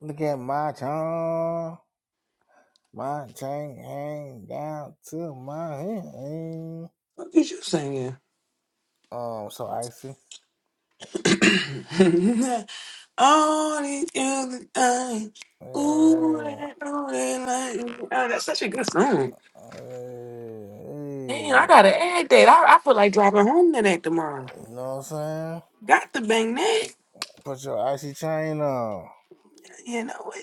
Look at my charm. My chain hang down to my hand. What is you singing? Um, so icy. All these other things. Ooh, Yeah. that, ooh, that, like, oh, that's such a good song. Damn, I Hey. gotta add that. I, I feel like driving home to that tomorrow. You know what I'm saying? Got to bang that. Put your icy chain on. You know what?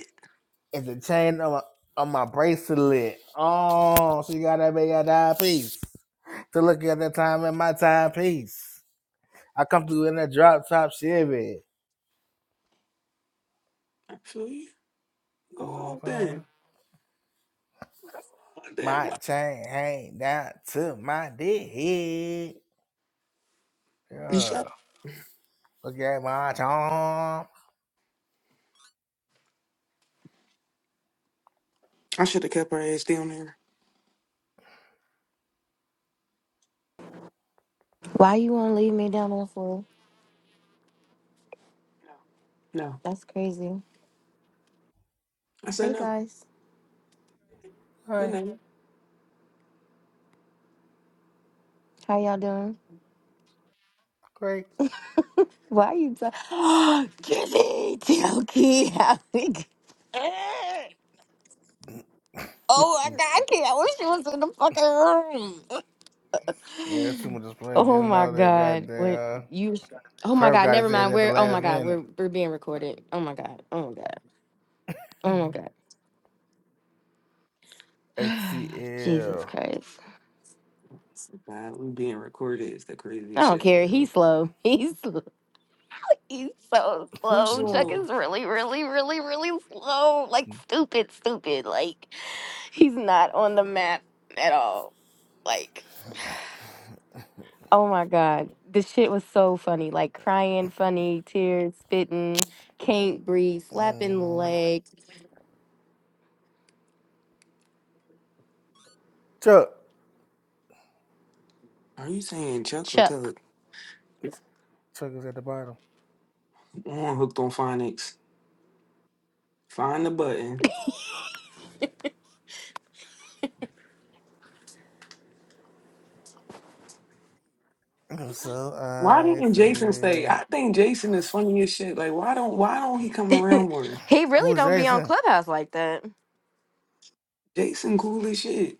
It's the chain on my, on my bracelet. Oh, she got that big that piece. To look at that time in my timepiece. I come through in a drop top Chevy. I feel you. Go You know all what I'm saying? then. Damn, My what? chain hang down to my dick. You shut Yeah. up. Look at my charm. I should have kept her ass down there. Why you won't leave me down there for? No. That's crazy. I said Hey no. guys, Good Hey, night. how y'all doing? great. Why are you? T- Jimmy, Tokey, how we? g- Oh my god, Mm, I can't. I wish she was in the fucking Yeah, that's too room. much explaining. Oh Just my know that god, when goddamn uh, you? Oh my perv god, got never his ass mind. at the We're oh my last god, we're minute. we're being recorded. Oh my god, oh my god, oh my god. Jesus ATL. Christ, God, we being recorded is the I craziest don't shit in the care. He's world. slow. He's slow. He's so Who's slow. Chuck Mm. slow? is really, really, really, really slow. Like stupid, stupid. Like he's not on the map at all. Like oh my god, this shit was so funny. Like crying, funny, tears, spitting, can't breathe, slapping leg. Chuck. Are you saying Chuck or Tug? Chuck, Chuck is at the bottom. I'm hooked on phonics. Find the button. I'm so Why didn't Jason stay? icy. I think Jason is funny as shit. Like, why don't why don't he come he around more? really Who's don't be on Jason? Clubhouse like that. Jason cool as shit.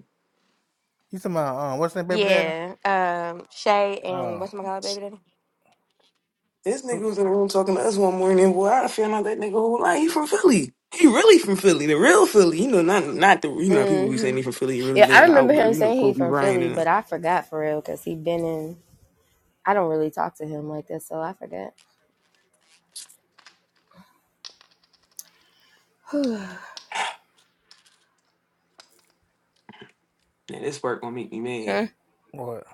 You talking about, uh, what's that baby daddy? Yeah, um, Shay and Oh, what's my god, baby daddy? This nigga who, was in the room talking to us one morning. Boy, I found out that nigga whole life. He from Philly. He really from Philly, the real Philly. You know, not not the you know how people be hmm saying he from Philly. He really Yeah, live I in the remember him outbreak. You know, saying he Kobe from Bryant Philly, and them. but I forgot for real because he been in. I don't really talk to him like that, so I forget. Now this work gonna make me mad. Huh? what?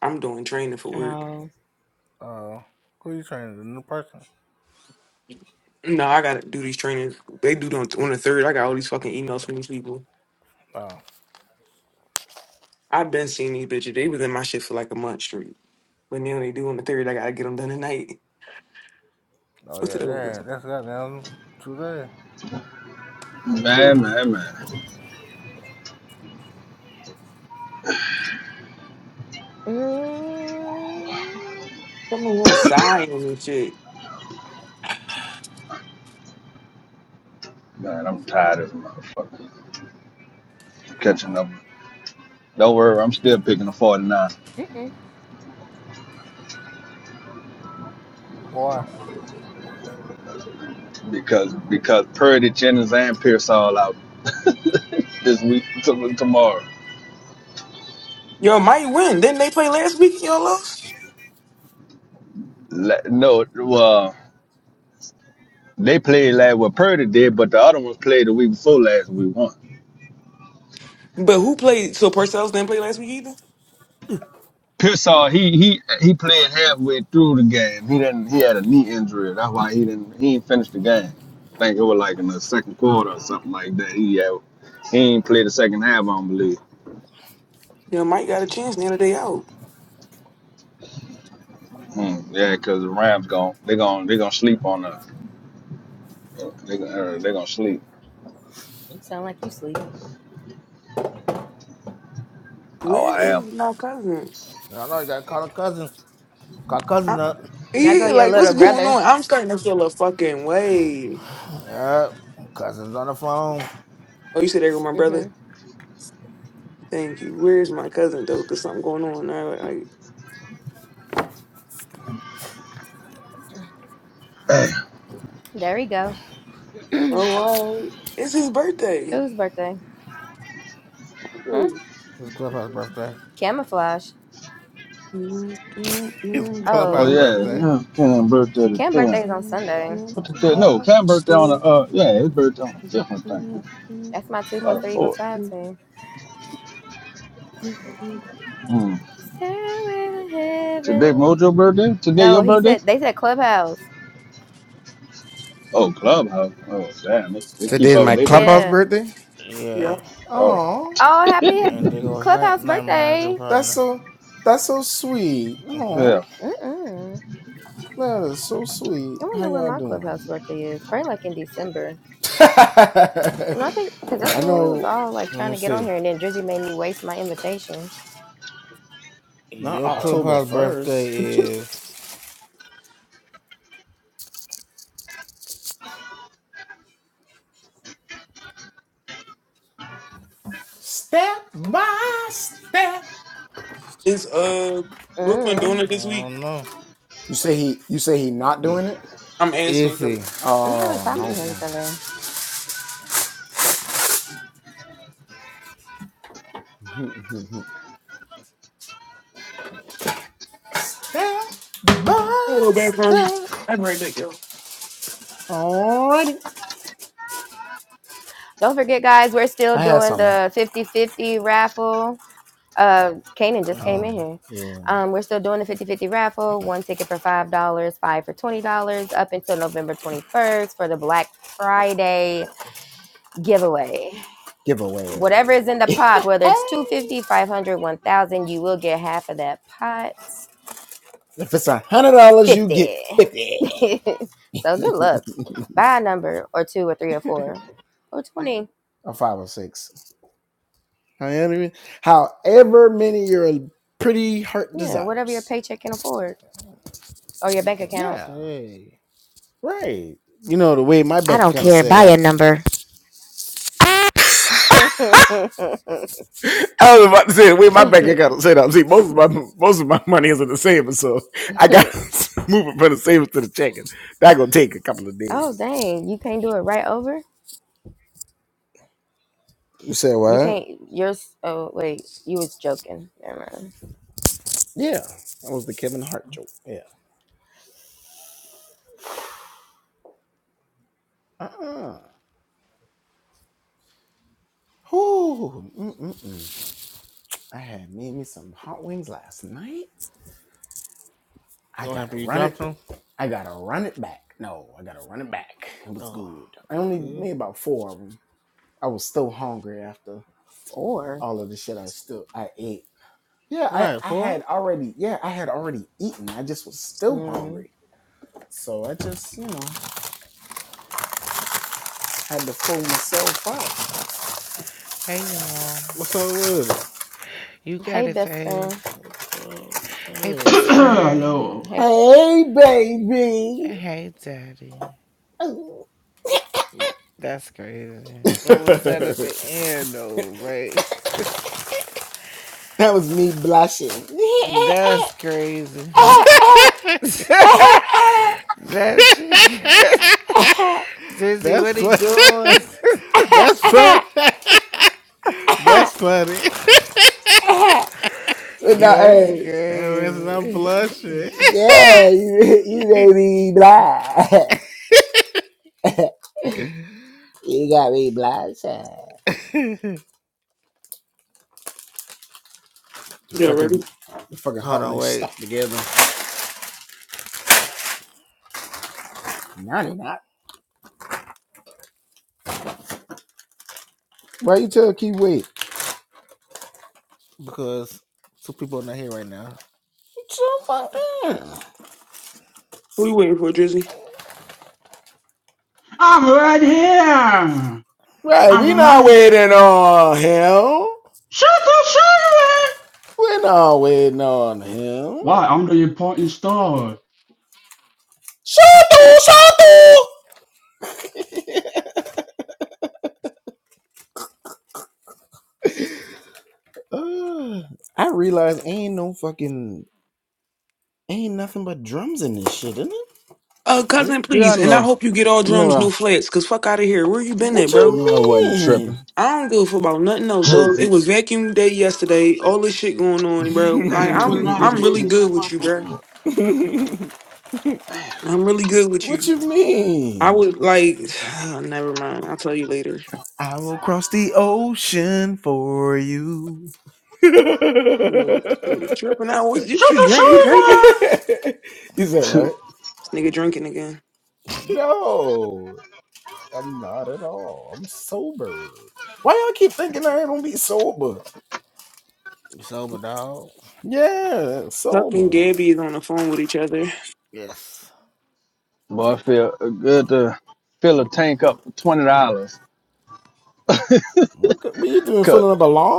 I'm doing training for work. Oh. Uh, who you training? The new person? No, I gotta do these trainings. They do them on the third. I got all these fucking emails from these people. Oh. I've been seeing these bitches. They was in my shit for like a month straight. But now they do on the third. I gotta get them done tonight. Oh What's the yeah, other? damn, that's goddamn true there. one? Man, man, man. Mm, Come on here, sign and shit. Man, I'm tired of this motherfucker. Catching up. Don't worry, I'm still picking the 49 mm-mm. Why? because because Purdy, Jennings, and Pierce all out this week to, tomorrow. Yo, might win. Didn't they play last week? Y'all lost. La- no, well, they played last what Purdy did, but the other ones played the week before last and we won. But who played? So Parcells didn't play last week either. Pearsall, he he he played halfway through the game. He didn't he had a knee injury. That's why he didn't he didn't finish the game. I think it was like in the second quarter or something like that. He had, he ain't played the second half, I don't believe. Yo, Mike got a chance the other day out. Hmm, Yeah, cause the Rams gon' they gon' they gonna sleep on us. They uh, they gonna sleep. You sound like you sleepy. Oh, Where I am. is my cousin? I know you gotta call a cousin. Call I, cousin up. There go yeah, your like what's little going brother. on? I'm starting to feel a fucking way. Yeah, Cousin's on the phone. Oh, you said there with my mm brother. hmm Thank you. Where's my cousin though? There's something going on. I like. There we go. Oh, all right. It's his birthday. Whose birthday? Huh? It's Clubhouse birthday. Camouflage. Yeah. It's Oh Clubhouse Oh. yeah, birthday. yeah Cam birthday the Cam's thing. birthday is on Sunday. What the thing? No, Cam birthday on the uh yeah his birthday on the fifth I think. That's my two plus the three equals fourth. five team. Mm. Stairway to Today heaven. Mojo birthday. Today your No, he birthday. said they said clubhouse. Oh clubhouse. Oh damn, they, they And keep they up with go, their birthday. Yeah. yeah. Oh Oh, happy And they go, his night clubhouse night managing birthday. partner. hmm yeah, Mm-mm. I wonder when my clubhouse birthday is. Probably like in December. No, I think because that's when we was all like Let trying me to get on see. here, and then Drizzy made me waste my invitation. Your Clubhouse birthday is Is uh Brooklyn doing I Mm, it this week? don't know. I'm Is asking. 'cause- he? I haven't talked Yeah. to him today. Hold on, background. I'm right back, yo. Don't forget, guys, we're still doing the fifty-fifty raffle. Uh, Kanan just Mm-hmm. came in here. Um, we're still doing the fifty-fifty raffle. One ticket for five dollars, five for twenty dollars, up until November twenty-first for the Black Friday giveaway. whatever is in the pot, whether it's 250, 500, 1000, you will get half of that pot. 50. so good luck. Buy a number or two or three or four or 20. Yeah, whatever your paycheck can afford or your I'm bank trying to account. say. I don't care. Buy a number. oh, dang. You can't do it right over? You can't. You're. Oh, wait. You was joking. Never mind. What happened? You dropped him? Oh, good. Four. Right, four. Mm. Hey y'all, What's up with it? you Hey, got it, best friend. Faith. What's up? Hey with best friend, Hello. Hey, Kim. and hey daddy. That's crazy. What was that at the end though? Like, that's crazy. that shit. Dizzy, That's what he fun. doing? That's fun. That's funny. that's That means I'm crazy. blushing. Yeah, ready? Hold on, wait, because two people are not here right now. Who you waiting for, Drizzy? I'm right here. I'm No, right. Shoot the shooter. Why? I'm the important star. Uh, cousin, yeah I please. And I know. hope you get all I know drums, no I, flats, because fuck out of here. Where you been at, I bro? know I wasn't tripping. I don't give a fuck about nothing else, dog. Drizzy. It was vacuum day yesterday. All this shit going on, bro. I, Man, twenty I'm dollars I'm still really just good let my with you, bro. fucking up. I'm really good with you. I would like. never mind. I'll tell you later. You nigga tripping out. What did Shoot you the drink? You drinking? shooter. Damn. This nigga drinking again. it's over, dog. Tuck and Gabby is on the phone with each other. Yes. Boy, I feel good to fill a tank up for twenty dollars. Cut.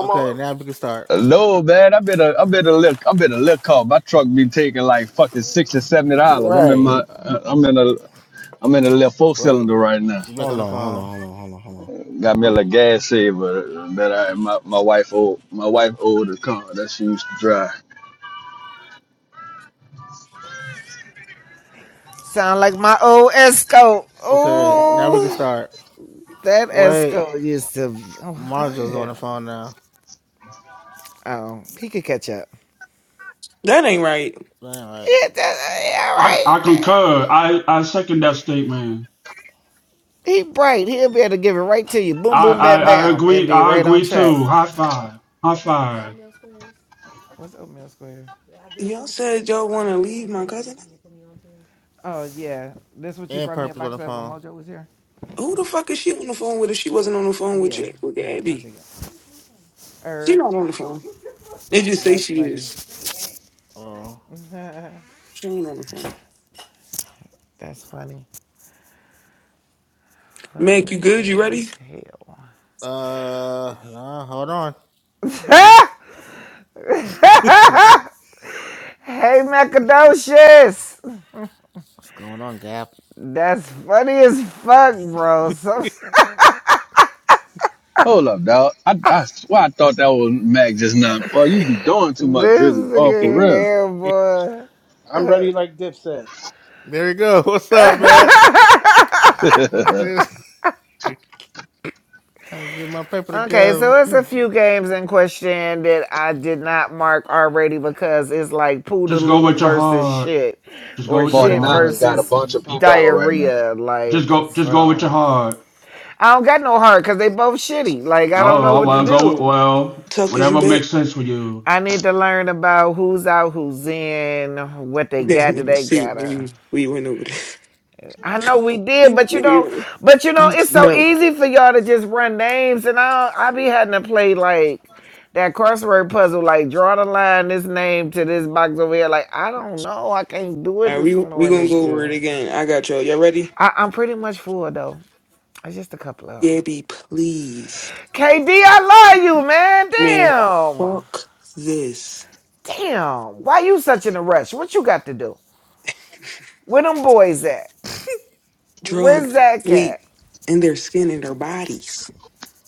Okay, now we can start. No man, I better I better look I better look up. My truck be taking like fucking sixty seventy dollars. I'm in my uh, I'm in a I'm in a little four Wait, cylinder right now. she's back on the phone. Got me a little gas saver that I my, my wife old my wife old the car that she used to drive. Sound like my old Esco. Okay, now we can Ooh, start. that Wait, Esco used to. Oh, Marjo's on the what? phone now. Oh, he could catch up. That ain't right. All right, Yeah, that, yeah, I I right. concur. I I second that statement. He bright. He'll be able to give it right to you. Boom, I boom, I bam, I bam, and agree. be I right on agree track. too. High five. High five. What's oatmeal squares? Y'all said y'all want to leave my cousin. Oh yeah, this what you and brought me a Purple's on box the of when phone. Mojo was here. Who the fuck is she on the phone with if she wasn't on the phone with Yeah, you? With yeah, I Gabby. think it. She Irv, not on the Oh, phone. They just say that's she funny. is. Oh. She ain't on the phone. that's funny. Mac, Funny you good? You as ready? hell. Uh, nah, hold on. hey Macadocious, What's going on, Gap? that's funny as fuck, bro. Hold up, dog. I I swear I thought that was Mac just now. Boy, you be doing too much this drizzy. Oh, for nigga real. here, boy. I'm ready like Dipset. there you go. What's up, Matt? I'm Just kind of get my paper Okay, together. so it's a few games in question that I did not mark already because it's like Just go Poodaloo with your versus heart. shit Just go or with your Forty shit heart. niners got a versus bunch of people out right now. diarrhea. Just Like, go. Just go with your so heart. I don't got no heart because they both shitty. Like, I don't Oh know well. what to well, Go with, do. well. Tuck, is you Whatever back? makes sense for you. I need to learn about who's out, who's in, what they got, Damn, do let's they see, got. we, we went over I know we did, there. but you know, but you know, You it's so no. easy for y'all to just run names, and I I be having to play like that crossword puzzle, like draw the line this name to this box over here. Like I don't know, I can't do All it right, we as we fluent gonna as go over it you. again. I got y'all. Y'all ready? I, I'm pretty much full though. It's just a couple of Gabby, please, KD, I love you, man, man. Damn, fuck this. damn. Why you such in a rush? What you got to do? Where them boys at? Where's Drugs, Zach at? sleep, and their skin and their bodies.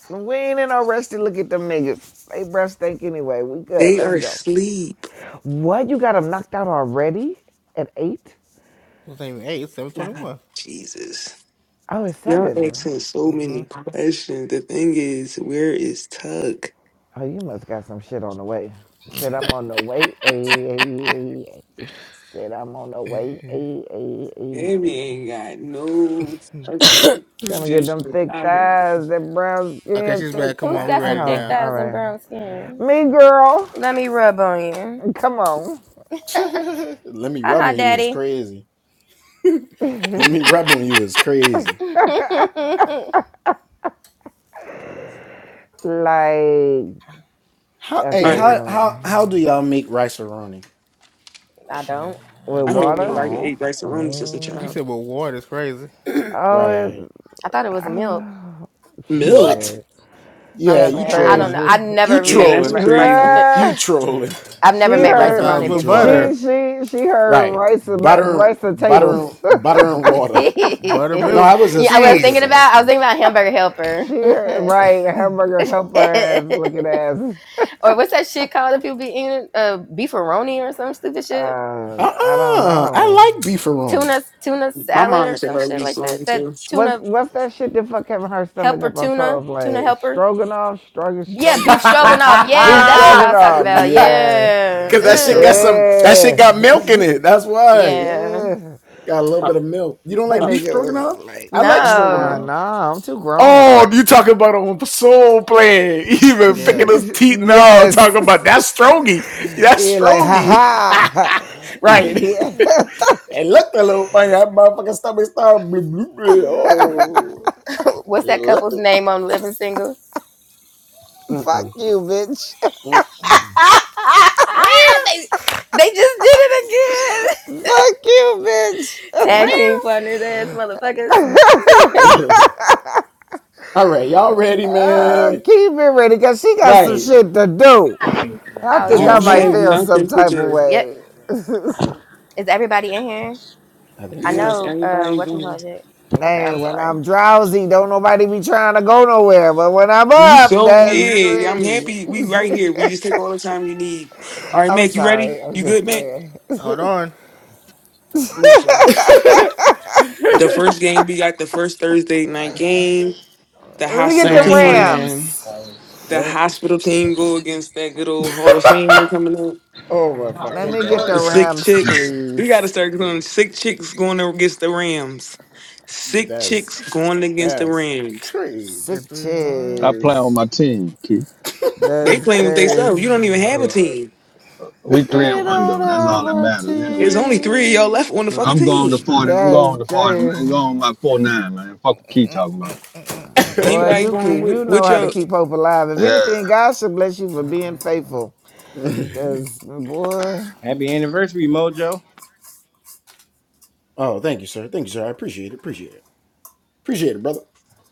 We ain't in no rush to look at them niggas. They breath stink anyway. We good. They Let's are go. asleep. What? You got them knocked out already? At eight? It's ain't even eight. It's seven God, twenty-one. Jesus. Oh, it's Y'all seven, right? asking so Uh huh. many questions. The thing is, where is Tuck? Oh, you must got some shit on the way. Said I'm on the way. Ay, ay, ay, ay. Said I'm on the way. Ay, ay, ay, Gabby ay. ain't got no fucking Gonna get juice them thick out here. thighs, that brown okay, skin, she's thick back. Come Who's on, thighs. we got some ready thick Oh, now. all thighs and right. brown skin? Me girl, Let me rub on you. come on. Ha ha, daddy. I like, All okay, right, never mind. Yeah, don't. I With I don't. haven't even water? like ate rice and run since a Mm. You said child. with water is crazy. Oh, it, I thought it was I don't milk. know. Milk. Shit, I'm just that's playing. I don't know. I've crazy. never Yeah, made that's ri- rice. crazy. Ah, I've she never made I rice heard. thought it was roni with She butter, before. she she heard rice and ma- rice and potatoes. B- yeah, buttermilk and I was thinking cheese. about. I was thinking about hamburger helper, she heard right hamburger helper ass looking ass. or what's that shit called? If you be eating uh, beefaroni or some stupid shit, Uh, I don't know. tuna tuna My salad mom or used to some love shit you like song that. That too. What's tuna what's that shit that fuck having her stomach helper up on so tuna tuna like helper. stroganoff, struggle, Yeah, struggle, beef struggle, stroganoff. Yeah, beef that's Yeah, what I was talking stroganoff. about. Yeah, Yeah. be struggling Ugh. now. yeah. Yeah. yeah. Uh, That uh, nigga was like, uh, uh, No. nah, I'm too grown. Yeah, yes. Yeah, like, ha ha. Yeah. What's that couple's name on Living Single? Fuck you, bitch. Fuck they, they just did it again. you, bitch. Tag team partners ass motherfuckers. Uh, keep it ready, because she got some shit to do. I oh I think I yes, don't come might have on. feel some nothing to type of do. Yep. way. Is everybody in here? I yeah. Yes, know uh everybody gonna. whatchamacallit. Okay, I'm Man, when sorry. I'm drowsy, don't nobody be trying to go nowhere. But when I'm You up, so that's good. I'm crazy. happy. We right here. We just take all the time you need. All right, I'm Mac. You ready? sorry. I'm You just good, Mac? playing. Hold on. Mac. sure. The first game we got the first Thursday night game. The Let me get hospital the team. Rams. The hospital team go against that good old Hall of Famer coming up. Let me get The the sick Rams, chicks. We gotta please. start going. Sick chicks going against the Rams. Sick chicks going against the Rams. The Sick three I one. play on cheese. my team, Key. They That's playing with themselves. You don't crazy. even have a Uh, team. We three They and one don't though. That's have all that a matters. There's Anyway, only three of y'all left team. on the fucking I'm going to team. forty. I'm That's going to forty. I'm crazy. going by four nine, man. Fuck what Mm, Key mm, talking mm, about. mm, mm, mm, Boy, Anybody you mm, going keep mm. with, you know with how to your keep hope alive. If Yeah. anything, God should bless you Uh, for being uh, uh. faithful. Cause boy. Happy anniversary, Mojo.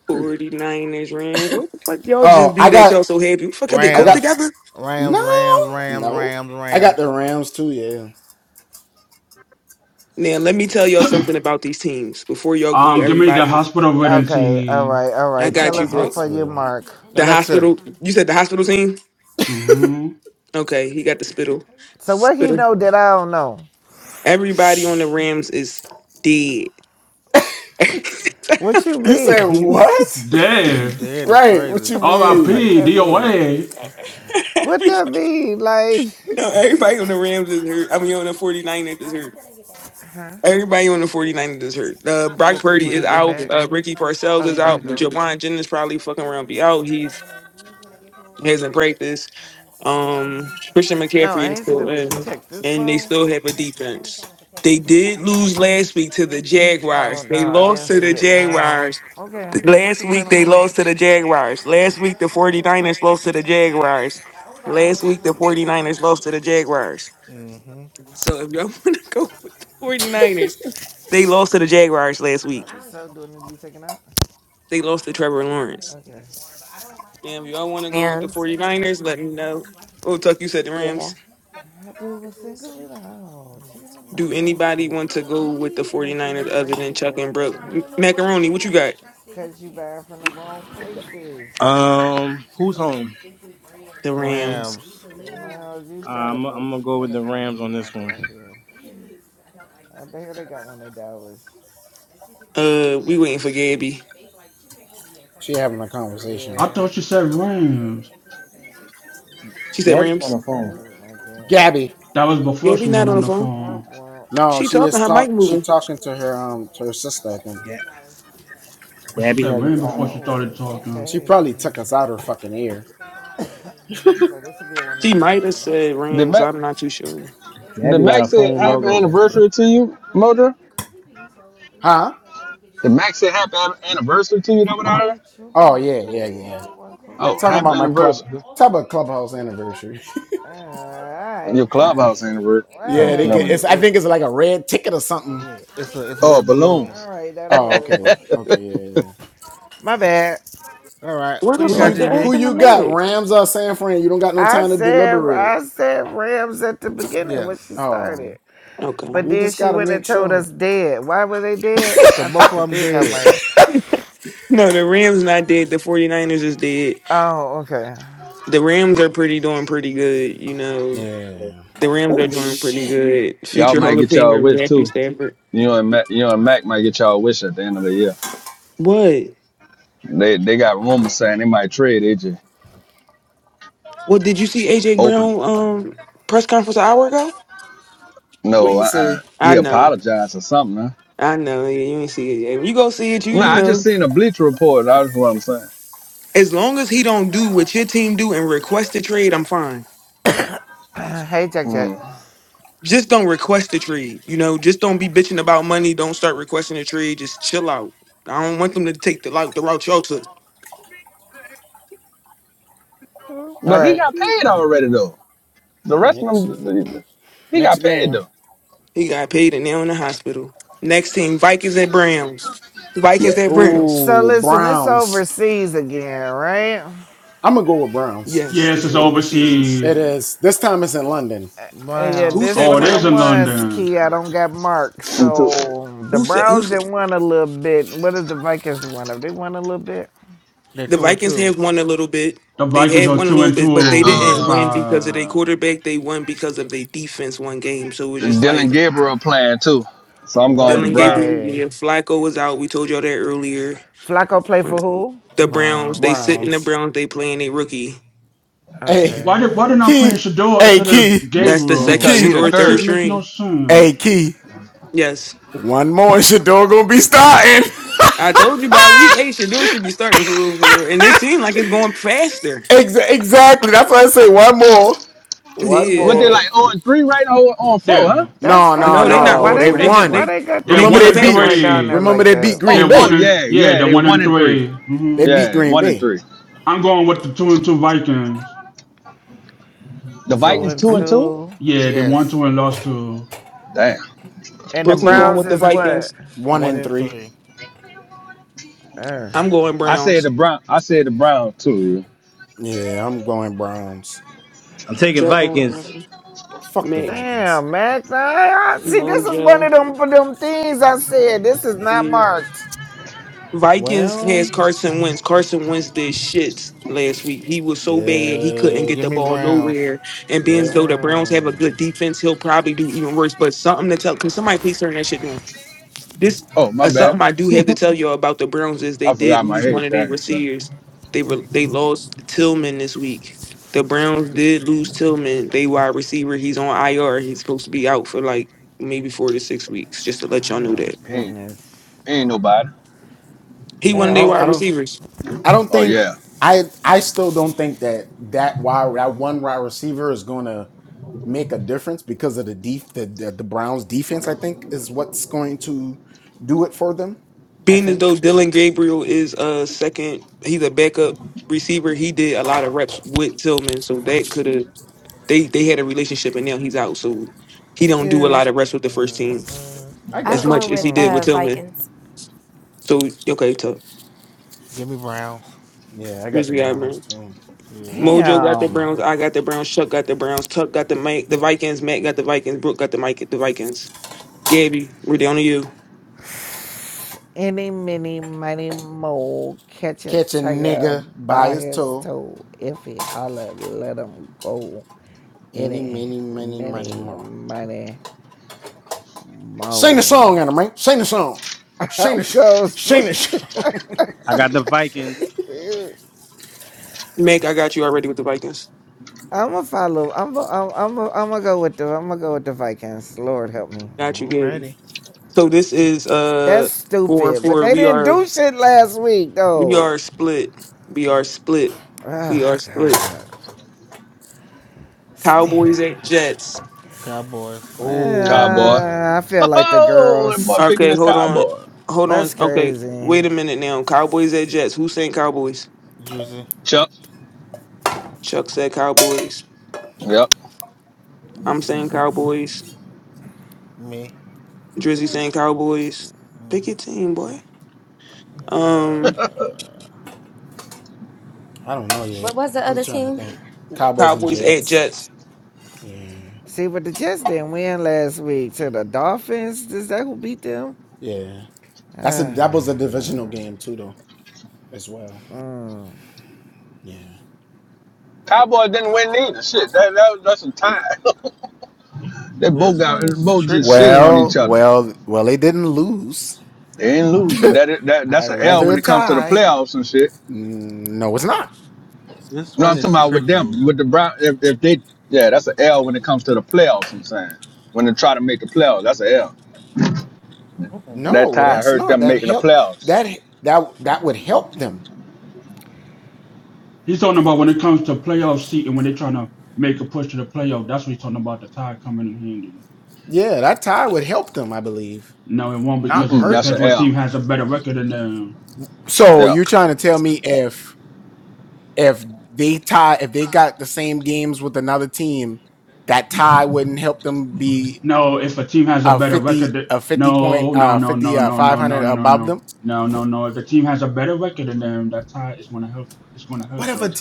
49ers, Rams? What the fuck y'all just do that y'all so happy? What the fuck are they coke Rams, together? Rams, Rams, Rams, Rams, Rams. Now, let me tell y'all something about these teams. Before y'all go, Um. Give me the everybody, hospital ridden Okay, all team. right, all I right. got Tell you, us bro. before you Welcome to mark. your The Alexa, hospital, you said the hospital team? Mm-hmm. Okay, he got the spittle. So what he Spittle. know that I don't know? Everybody on the Rams is dead. What you mean? what Damn. that is crazy. the fuck R.I.P. that mean? DOA. What that mean? Like, no, everybody on the Rams is hurt. I mean, on the 49ers is hurt. Huh? Everybody on the 49ers is hurt. Uh, Brock You'll cook Purdy when is you get out. back? Uh, Ricky Oh, Parcells is you about out. to go? Jawan Jennings probably fucking around be out. He's hasn't practiced. Um, Christian No, McCaffrey I is ain't see that still much. You in, text this and they phone? still have a defense. They did lose last week to the Oh, Jaguars. no, They I lost didn't to see the it. Um, Jaguars. okay. The- What Last you plan week on they cooking? lost to the Jaguars. Last week the 49ers lost to the Jaguars. Last week the 49ers lost to the Jaguars. hmm So if y'all want to go with the 49ers, they lost to the Jaguars last week. Probably so. Do it need to be taken out? They lost to Trevor Lawrence. Okay. And if y'all want to go with the Rams. 49ers, let me know. Oh, Tuck, you said the Yeah. Rams. I do, but single it out. Chicken is Do not anybody nasty. want to go with the 49ers other than Chuck and Brooke? M- Macaroni, what you got? Cause not from the wrong places. Um, who's home? The Rams. Rams. Uh, I'm, I'm gonna You go with gotta the find a Rams on meat this market one. out here. got one in Dallas Uh, we waiting for Gabby. I thought she said Rams. She said Gabby's on Rams. the gotta find a phone. meat market. That was before Gabby she not went on on the the phone. Womp phone. womp. She talking. Her mic moving. Yeah, But she Gabby said has a Rams Few before phone. she hours, Yeah, started Mm, talking. mm, mm, mm. this will be a one in She the might morning have meal. said Did Rams. Mac? I'm not too sure. Did Gabby got Mac a say phone happy logo next to it. anniversary to you, Mojo? Did Mac say happy an- anniversary to you? That what I It heard. ain't yours though. cooks Oh, happy anniversary. Your Like Alright, alright. clubhouse anniversary. Oh, Yeah, never what Whatever. mind. the what? Yeah, it's a it's a Oh, red balloon. balloons. Alright, that'll work. My bad. All right, Where who the you got, fuck Oh, did GB? happen to Meg? I said I said Rams at the beginning Yeah, when she started. Okay. But then she went and told us dead. Why were they dead? cause I both took of the them thing out of my dead. ear. No, the Rams not dead. The 49ers is dead. Oh, okay. the Rams are pretty doing pretty good. You know, the Rams are doing pretty good. y'all Future might Hall of get y'all a Famer wish Matthew too. Stafford. You and Mac, you and Mac might get y'all a wish at the end of the year. What? They they got rumors saying they might trade AJ. What did you see AJ open. Brown um press conference an hour ago? No, uh, uh I he know, apologized or something. Huh? I know. Yeah, you ain't see it yet. When you go see it, you No, you nah, I just know. seen a Bleacher Report. That's what I'm saying. As long as he don't do what your team do and request a trade, I'm fine. hey Jack Jack. Mm. Just don't request a trade. You know, just don't be bitching about money. Don't start requesting a trade. Just chill out. I don't want them to take the like the route y'all took. But he got paid already though. The rest of them, he got paid though. He got paid and now in the hospital. Next team, Vikings at Browns. Yeah, Vikings at Browns. So listen, it's overseas again, right? Yes, Yes, this it's is Yeah, me too. overseas. overseas. And yeah, Who this Browns. said Oh, one it of is them in Browns? ones, London. Key, I don't got marked. me too. So the Who said who Browns said didn't win a little bit. What does the Vikings win? Have they won a little bit? They're the two and Vikings two. have won a little bit. The They Vikings have are won a two little and bit, but they two. didn't If win because of their I quarterback. They won because of their defense one game. So it was just like Dylan Gabriel playing too, so I'm going with the One Dylan Browns Gabriel, yeah, game. Flacco was out. We told y'all that earlier. Flacco play for who? The Browns, Browns. they sit in the Browns, they playing a rookie. why Okay. did why did I play Shador instead of Be- That's the Gabriel? second because he the Shador That third shit third. makes no string. sense. Yes. I told you by week eight, Shador should be starting for real, for real. And it seemed like it's going faster. What Yeah. they like, like on three right now on four, huh? They're That's fucked no, they up. not Why 0 they 4. They got just why they they got they're they that beat one boy the and so far Packers. down three. there like that? Oh, They're oh one and yeah, yeah, yeah, they're they one one and and three. 3 Mm-hmm. Yeah, one and three. I'm going with the two and two Vikings. The Two Vikings and two and I'm two. two. Yeah, they won Yes, two and lost to. Damn. And the Brooklyn Mm. going Browns with the is what? Vikings. one and three. Uh, I'm going I said the Browns. brown. I said the brown too. I'm taking Chuck Vikings. Norman, Max, damn, man. Nah, I- I- see, this is one Mojo, of them them things I said. This is not the marked. Vikings has Carson Wentz. Carson Wentz did shit last week. He was so bad he couldn't get Give the me ball Browns. nowhere. And being as though the Browns have a Mm. good defense, he'll probably do even worse. But something to tell can somebody please turn that shit down? Yeah. This Oh my uh, bad. something I do have to tell you about the Browns is they I did forgot my lose one head of their thing, son. receivers. They were they lost Tillman this week. The Browns did lose Tillman. They wide receiver. He's on IR. He's supposed to be out for like maybe four to six weeks. Just to let y'all know Oh that Ain't, goodness. ain't nobody. he one of their wide And receivers. Oh yeah, Being as though Dylan Gabriel is a second, he's a backup receiver. He did a lot of reps with Tillman, so that could have they they had a relationship, and now he's out. So he don't do a lot of reps with the first Mm, team mm, mm. I'm as going much as with he did mm, with uh Tillman. Vikings. So okay, so Give me Browns. Grizzly got Browns. Yeah. Mojo got the damn. Browns. I got the Browns. Chuck got the Browns. Tuck got the Mike, the Vikings. Matt got the Vikings. Brooke got the Mike, the Vikings. Gabby, we're down to you. Any mini mighty mole catch a tiger by his toe. If he holler, let him go. any, many, many more. I'm going. I got the Vikings. Mac, I got you already with the Vikings. I'm gonna follow. I'm gonna. I'm gonna. I'm gonna go with the. I'm gonna go with the Vikings. Lord help me. Got you, Gabby. So this is uh That's four and stupid. But four. they We didn't are do shit last week we though. are split. We are split. We hmm are Oh split. God. Stand Cowboys at on. Jets. Cowboys. cowboy. Uh, I feel like the Oh, that boy girls. picking Okay, his hold on, cowboy. hold on. That's Okay, crazy. wait a minute now. Cowboys at Jets. Who's saying Cowboys? Drizzy. Chuck. Chuck said Cowboys. Yep. I'm saying Cowboys. Me. Drizzy saying Cowboys. Pick hmm your team, boy. Um, Uh, What was the other team? Cowboys at Jets. See, but the Jets didn't win last week. To the Dolphins, is that who beat them? Ah. Mm. Cowboy didn't win neither. Shit, that, that that's some time. they both This got one they is both just shitting tricky. on each other. They ain't lose, but that that that's an L when it comes to the playoffs and shit. This No, one I'm is talking about with tricky. them, with the Brown. If, if they, yeah, that's an L when it comes to the playoffs. I'm saying when they try to make the playoffs, that's an L. Mm-mm. That tie hurt them making the playoffs. He's talking about when it comes to playoff seat and when they're trying to make a push to the playoff. That's what he's talking about. The tie coming in handy. No, it won't because it Mm-mm, that's depends an what team L. has a better record than them. Yeah. No, if a team has a better record, th- no, no, no, no, no, no, no, no, no, no, no, no. no. If the team has a better record than them, that tie is gonna help. It's gonna hurt them.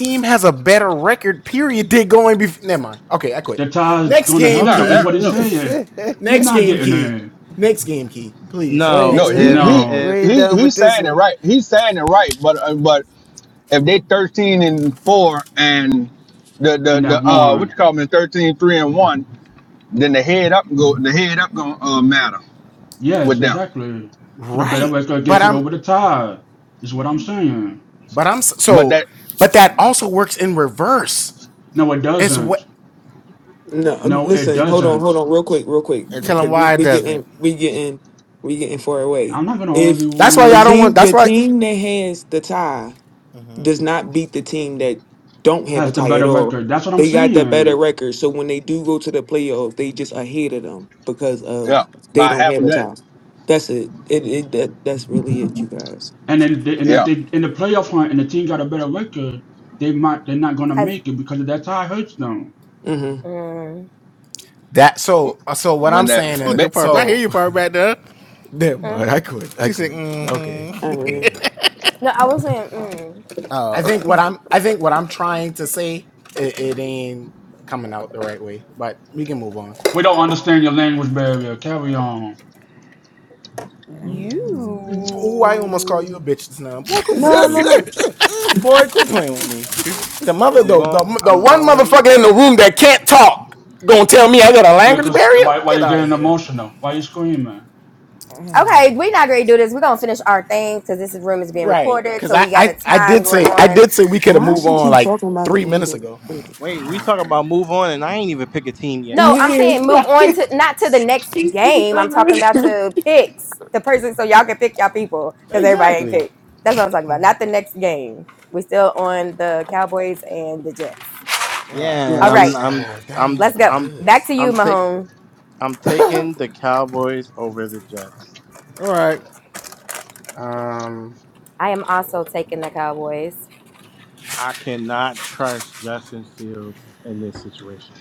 The tie is gonna hurt No, them. Is what that, he's no, saying. He's not getting there. No, Wait, no. we He if not he No, we if ain't he done with he's this saying it one. right. He's saying it right. But uh, but if they 13 and four and the the and the that uh what one. you call them thirteen three and one, then the head up go the head up gonna uh, matter with Yes, them. exactly. So the better record gets it over the tie, is what I'm saying. But that No, it doesn't. No, um, No, it listen. Hold on, hold doesn't. on, real quick, real quick, and tell him because we, why it we doesn't. getting we getting we getting far away. I'm not gonna If argue with the him. team the team that has the tie hmm does not beat the team that don't have a Has the tie at better all, record. That's what I'm they got the better saying. record. So when they do go to the playoffs, they just ahead of them because yeah of they by don't half a have a game. tie. That's it. It, it that, that's really it, you guys. And then, they, and if Yeah. they in the playoff hunt and the team got a better record, they might they're not gonna Has make it because of that tie hurts them. mm, Wh- When that, Look bet- at Purp. yeah, I hear you, Purp, back there. She said, mm-hmm. Mm-hmm. No, I was saying, mm, Oh. We don't understand your language barrier. Carry on. you. No, no, no. I'm going, I'm going. Look, us- why why you getting emotional? Why you screaming? Okay, we are not going to do this. We're gonna finish our thing because this room is being recorded, so we got a time going on. Why she keep talking about the one girl? Wait, we talking about move on, and I ain't even pick a team yet. No, I'm Yeah, saying move like on to not to the next she keep talking. game. I'm talking about about- to picks the person so y'all can pick y'all people because everybody ain't picked. That's what I'm talking about. Not the next game. we still on the Cowboys and the Jets. All right. All Yeah, I'm right, yes. I'm I'm let's go I'm back to you, I'm taking. Mahone. I'm taking the Cowboys over the Jets. All right. I am also taking the Cowboys. I cannot trust Justin Fields in this situation.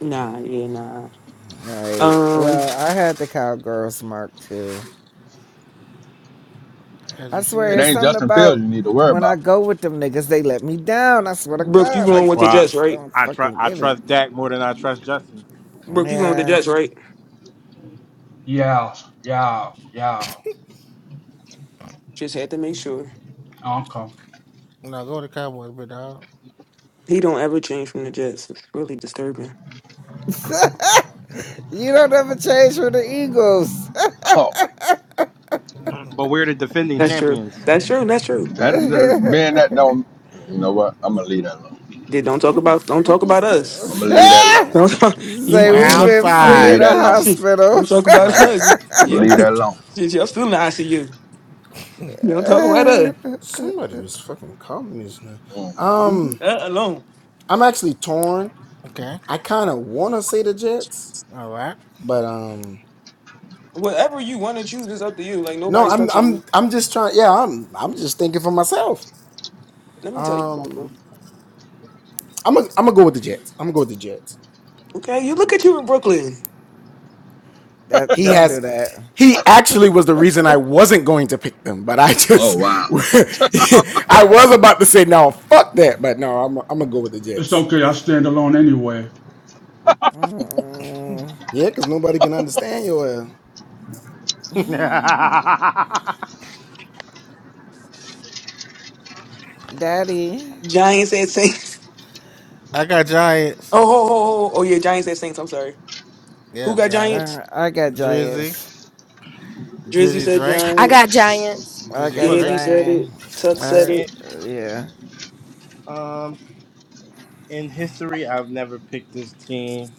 Nah. Yeah. Nah. All right. Um. Well, I had the cowgirls mark too. As I you it swear, it's should. ain't something Justin Fields about you need to worry when I about. go with them niggas, they let me down. I swear to Brooke, you God, going like I with the Well, Jets, just right? don't I, I try fucking I get it. trust Dak more than I trust Justin. Brooke, you going with the Yeah. Jets, right? Yeah, yeah, yeah. Just had to make sure Okay. Now go to Cowboys, big dog. he don't ever change from the Jets. It's really disturbing. you don't ever change for the Eagles. Oh, But we're the defending That's true. champions. That's true. That's true. that, that being that don't, you know what? I'm gonna leave that alone. Then don't talk about don't talk about us. I'm gonna leave that alone. Don't talk, you Say you we've know Round been I'm gonna free in leave five. the that alone. shit, don't talk hospital. about Right. us. I'm gonna Yeah, leave that alone. shit, y'all still in the ICU. Don't talk about us. Mm. Leave alone. okay. All right. Whatever you want to choose is up to you. Like nobody's pressuring you. Let me tell you something. Okay, you look at you in Brooklyn. That don't do that. Oh wow. It's okay. I stand alone anyway. Mm-mm. For Daddy, Giants at Saints. I got Giants. Oh, ho, ho, ho. oh yeah, Giants at Saints. I'm sorry. Yeah, Who got Giant. Giants? uh, I got Drizzy. giants. Drizzy Drizzy said Drake. I Giants. got Giants. I Drizzy got Drake. Gabby said it. giants. Tuck said Uh, it. it, yeah, um in history, I've never picked this team,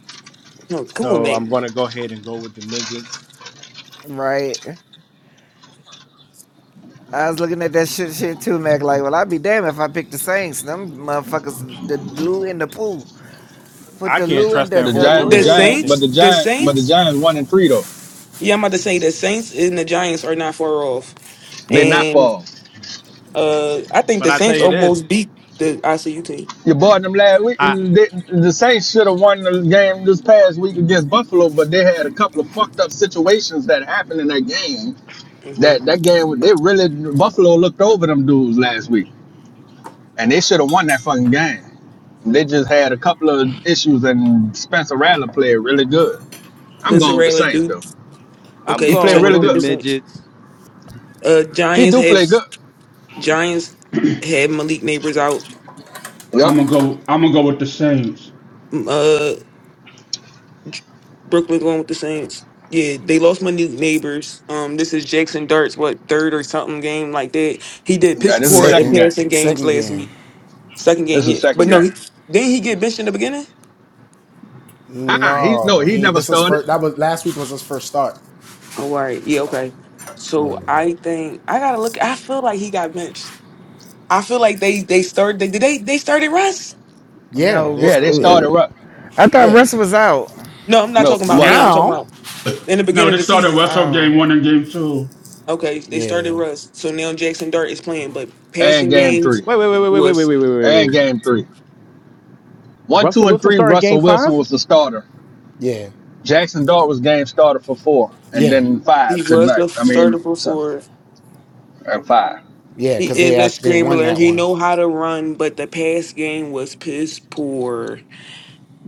No, come on, so mate. I'm going to go ahead and go with the midgets. right. I was looking at that shit, shit too, Mac. Like, well, I'd be damned if I picked the Saints. Them motherfuckers, the Lou in the pool. Put I the can't Lou in trust the that The the whole giant, the The Lou. giant, but organization. Saints. the The giant, but the Saints. Giants one and three though. Yeah, I'm about to say the Saints and the Giants are not far off. They not And fall. uh I think But the I tell Saints you this, almost beat the ICU team. You bought them last week, I they, the Saints should have won the game this past week against Buffalo, but they had a couple of fucked up situations that happened in that game hmm That that game, they really Buffalo looked over them dudes last week, and they should have won that fucking game. They just had a couple of issues, and Spencer Rattler played really good. I'm Spencer going with the Raylor, Saints Duke. though. I'm He Okay, played going Chuck really with going the with good. the Saints. midgets. Uh, He Giants do have play good. Giants had Malik Neighbors out. Yep. I'm gonna go. I'm gonna go with the Saints. Um, Uh, Brooklyn going with the Saints. Yeah, they lost Malik Neighbors. Um, this is Jackson Dart's what third or something game like that. He did Now piss this is the poor in second game. passing games last week. Second This game, is the yeah, second but no, he game. didn't he get benched in the beginning. Ah, he no, he never started. Oh, all right, yeah, okay. So I think I gotta look. I feel like he got benched. I feel like they they started. Did they they started Russ? No, Yeah, they Ru- started rough. I thought Russ was out. No, I'm not No, talking about one now. I'm talking about in the No, beginning of they the started season. Russell Oh, game one and game two. Okay, they started Russ. So now Jackson Dart is playing, but and passing game games three, Wait, wait, wait, wait, wait, wait, was wait, wait, wait, wait. and game three. One, two, Russell and Wilson three. starting Russell game Wilson five? was the starter. Jackson Dart was game started for four, and then he five was tonight. the I mean, starter Sunday before. and five. He is a scrambler. He know how to run, but the pass game was piss poor.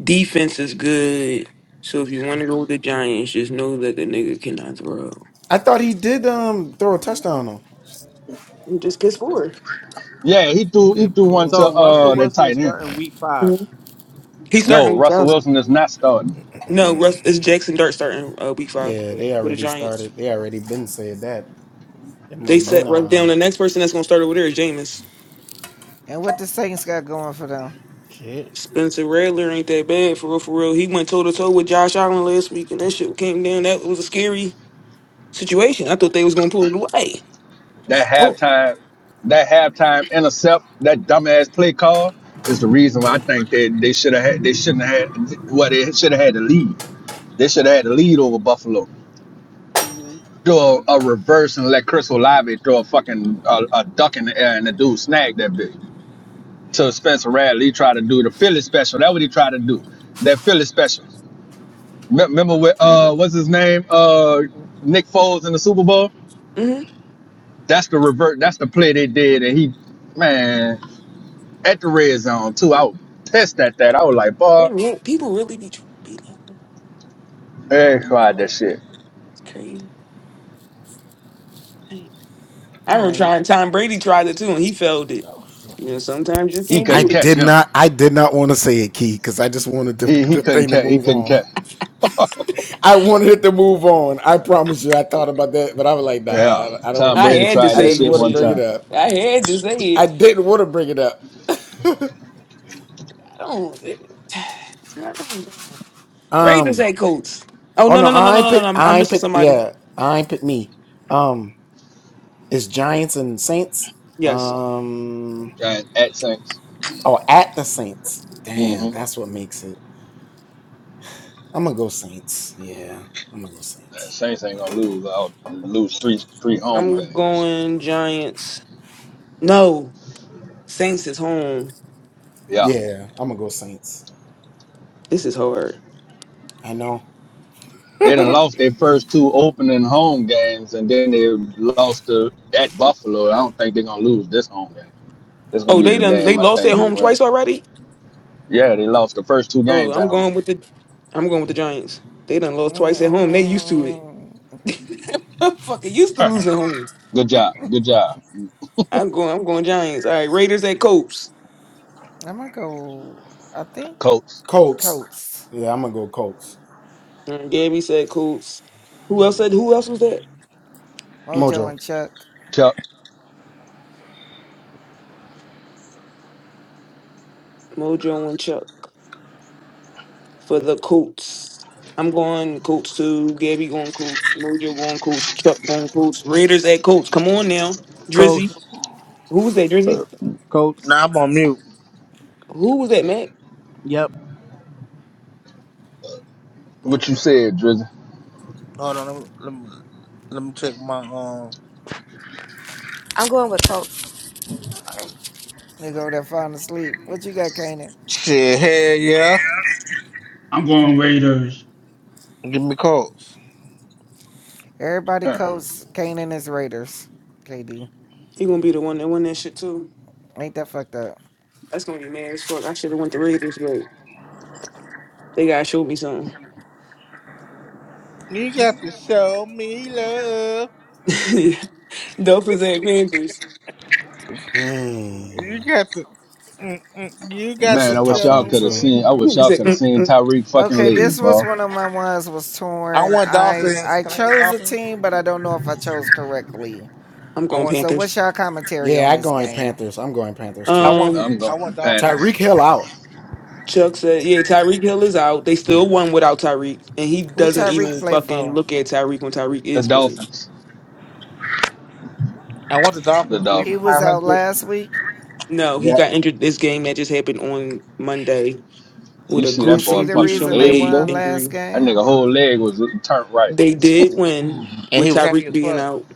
Defense is good. So if you want to go with the Giants, just know that the nigga cannot throw. I'm just piss poor. Yeah, he threw he threw one People to So Russell uh Morley. that Wilson is tight end. starting week five. Mhm. He's No, starting week Russell five. Wilson is not starting. No, Russ it's Jackson Dart starting uh, week five for the Giants. They set Russ down. The next person that's gonna start over there is Jameis. and what the Saints got going for them? shit. Spencer Rattler ain't that bad for real. For real, he went toe to toe with Josh Allen last week, and that shit came down. That was a scary situation. I thought they was gonna pull it away. That Oh, halftime, that halftime intercept, that dumbass play call is the reason why I think they they should have had they shouldn't have had well they should have had the lead. They should have had the lead over Buffalo. mm-hmm. Do a, a reverse and let Chris Olave throw a fucking a, a duck in the air and the dude snag that bitch. to Spencer Radley. He tried to do the Philly special. That's what he tried to do. That Philly special. Me- Remember with uh what's his name? Uh Nick Foles in the Super Bowl? hmm That's the revert, that's the play they did, and he man, at the red zone too. I was pissed at that. I was like, boy, people really be trying to be like eh, tried that shit. that's crazy. Dang. I All remember right. trying. Tom Brady tried it too, and he failed it. Oh, shit. You know, sometimes you He can't couldn't do it. catch him. He he couldn't catch he couldn't catch. Yeah. Tom I Brady had to tried that say it. shit one Shit, time. I had to say it. I don't. It, I don't Raiders at Colts. Oh no no no no no no no! no. I'm, I'm missing somebody. Yes. Giant at Saints. Mm-hmm. Saints ain't gonna lose. I'll lose three three home I'm games. going Giants. No, Saints is home. Yeah. This is hard. They done lost their first two opening home games, and then they lost to, at Buffalo. I don't think they're going to lose this home game. This is going Oh, to be they the done they game I lost think at they home win. twice already. Yeah, they lost the first two Oh, games at I'm home. going with the I'm going with the Giants. They done lost twice at home. They used to it. Mm, I'm fucking used to losing home. Good job. Good job, I'm going I'm going Giants. All right, Raiders at Colts. I might go. I think. Coach. Colts. All right, Gabby said Colts. Who else said who Yeah. else was that? Mojo and Chuck. Chuck, Mojo and Chuck. for the Colts. I'm going Colts too. Gabby going Colts. Mojo going Colts. Chuck going Colts. Raiders at Colts. Come on now, Drizzy. Colts, Who was that, Drizzy? Colts. Nah, I'm on mute. Who was that, Matt? Yep. what you said, Drizzy. Hold on. Let me, let me let me check my um. I'm going with Colts. They go there falling asleep. What you got, Kanan? Shit, hell yeah. I'm going Raiders. Give me calls. Everybody Huh. Colts. Kanan is Raiders. KD. He gonna be the one that won that shit too. Ain't that fucked up? That's gonna be mad as fuck. I should have went the Raiders, but they gotta show me something. You got to show me love. Dolphins at Panthers. You got to. Mm-mm, you got Man, to I wish y'all show could have me. seen. I wish I y'all said, could have mm, seen mm. Tyreek fucking Okay, leave, this boy. was one of my ones was I torn. want I dolphins. I Can I get chose a dolphins? team, but I don't know if I chose correctly. I'm I going want. So what's Panthers. y'all commentary on this game? I want. Um, I'm I going want Panthers. dolphins. Chuck said, yeah, Tyreek Hill is out. They still won without Tyreek, and he Who doesn't Tyreek even play fucking for? look at Tyreek when Tyreek The is playing. Dolphins. I want the The dolphins, please. He Dolphins. for was Five out hundred. last week. No, he Yeah, got injured this game that just happened on Monday with You a see that Is boy he gruesome, the fucking gruesome reason they leg, leg won though? last injury. That game? nigga whole leg was turned right. They did win And with he was happy Tyreek as being fuck. out.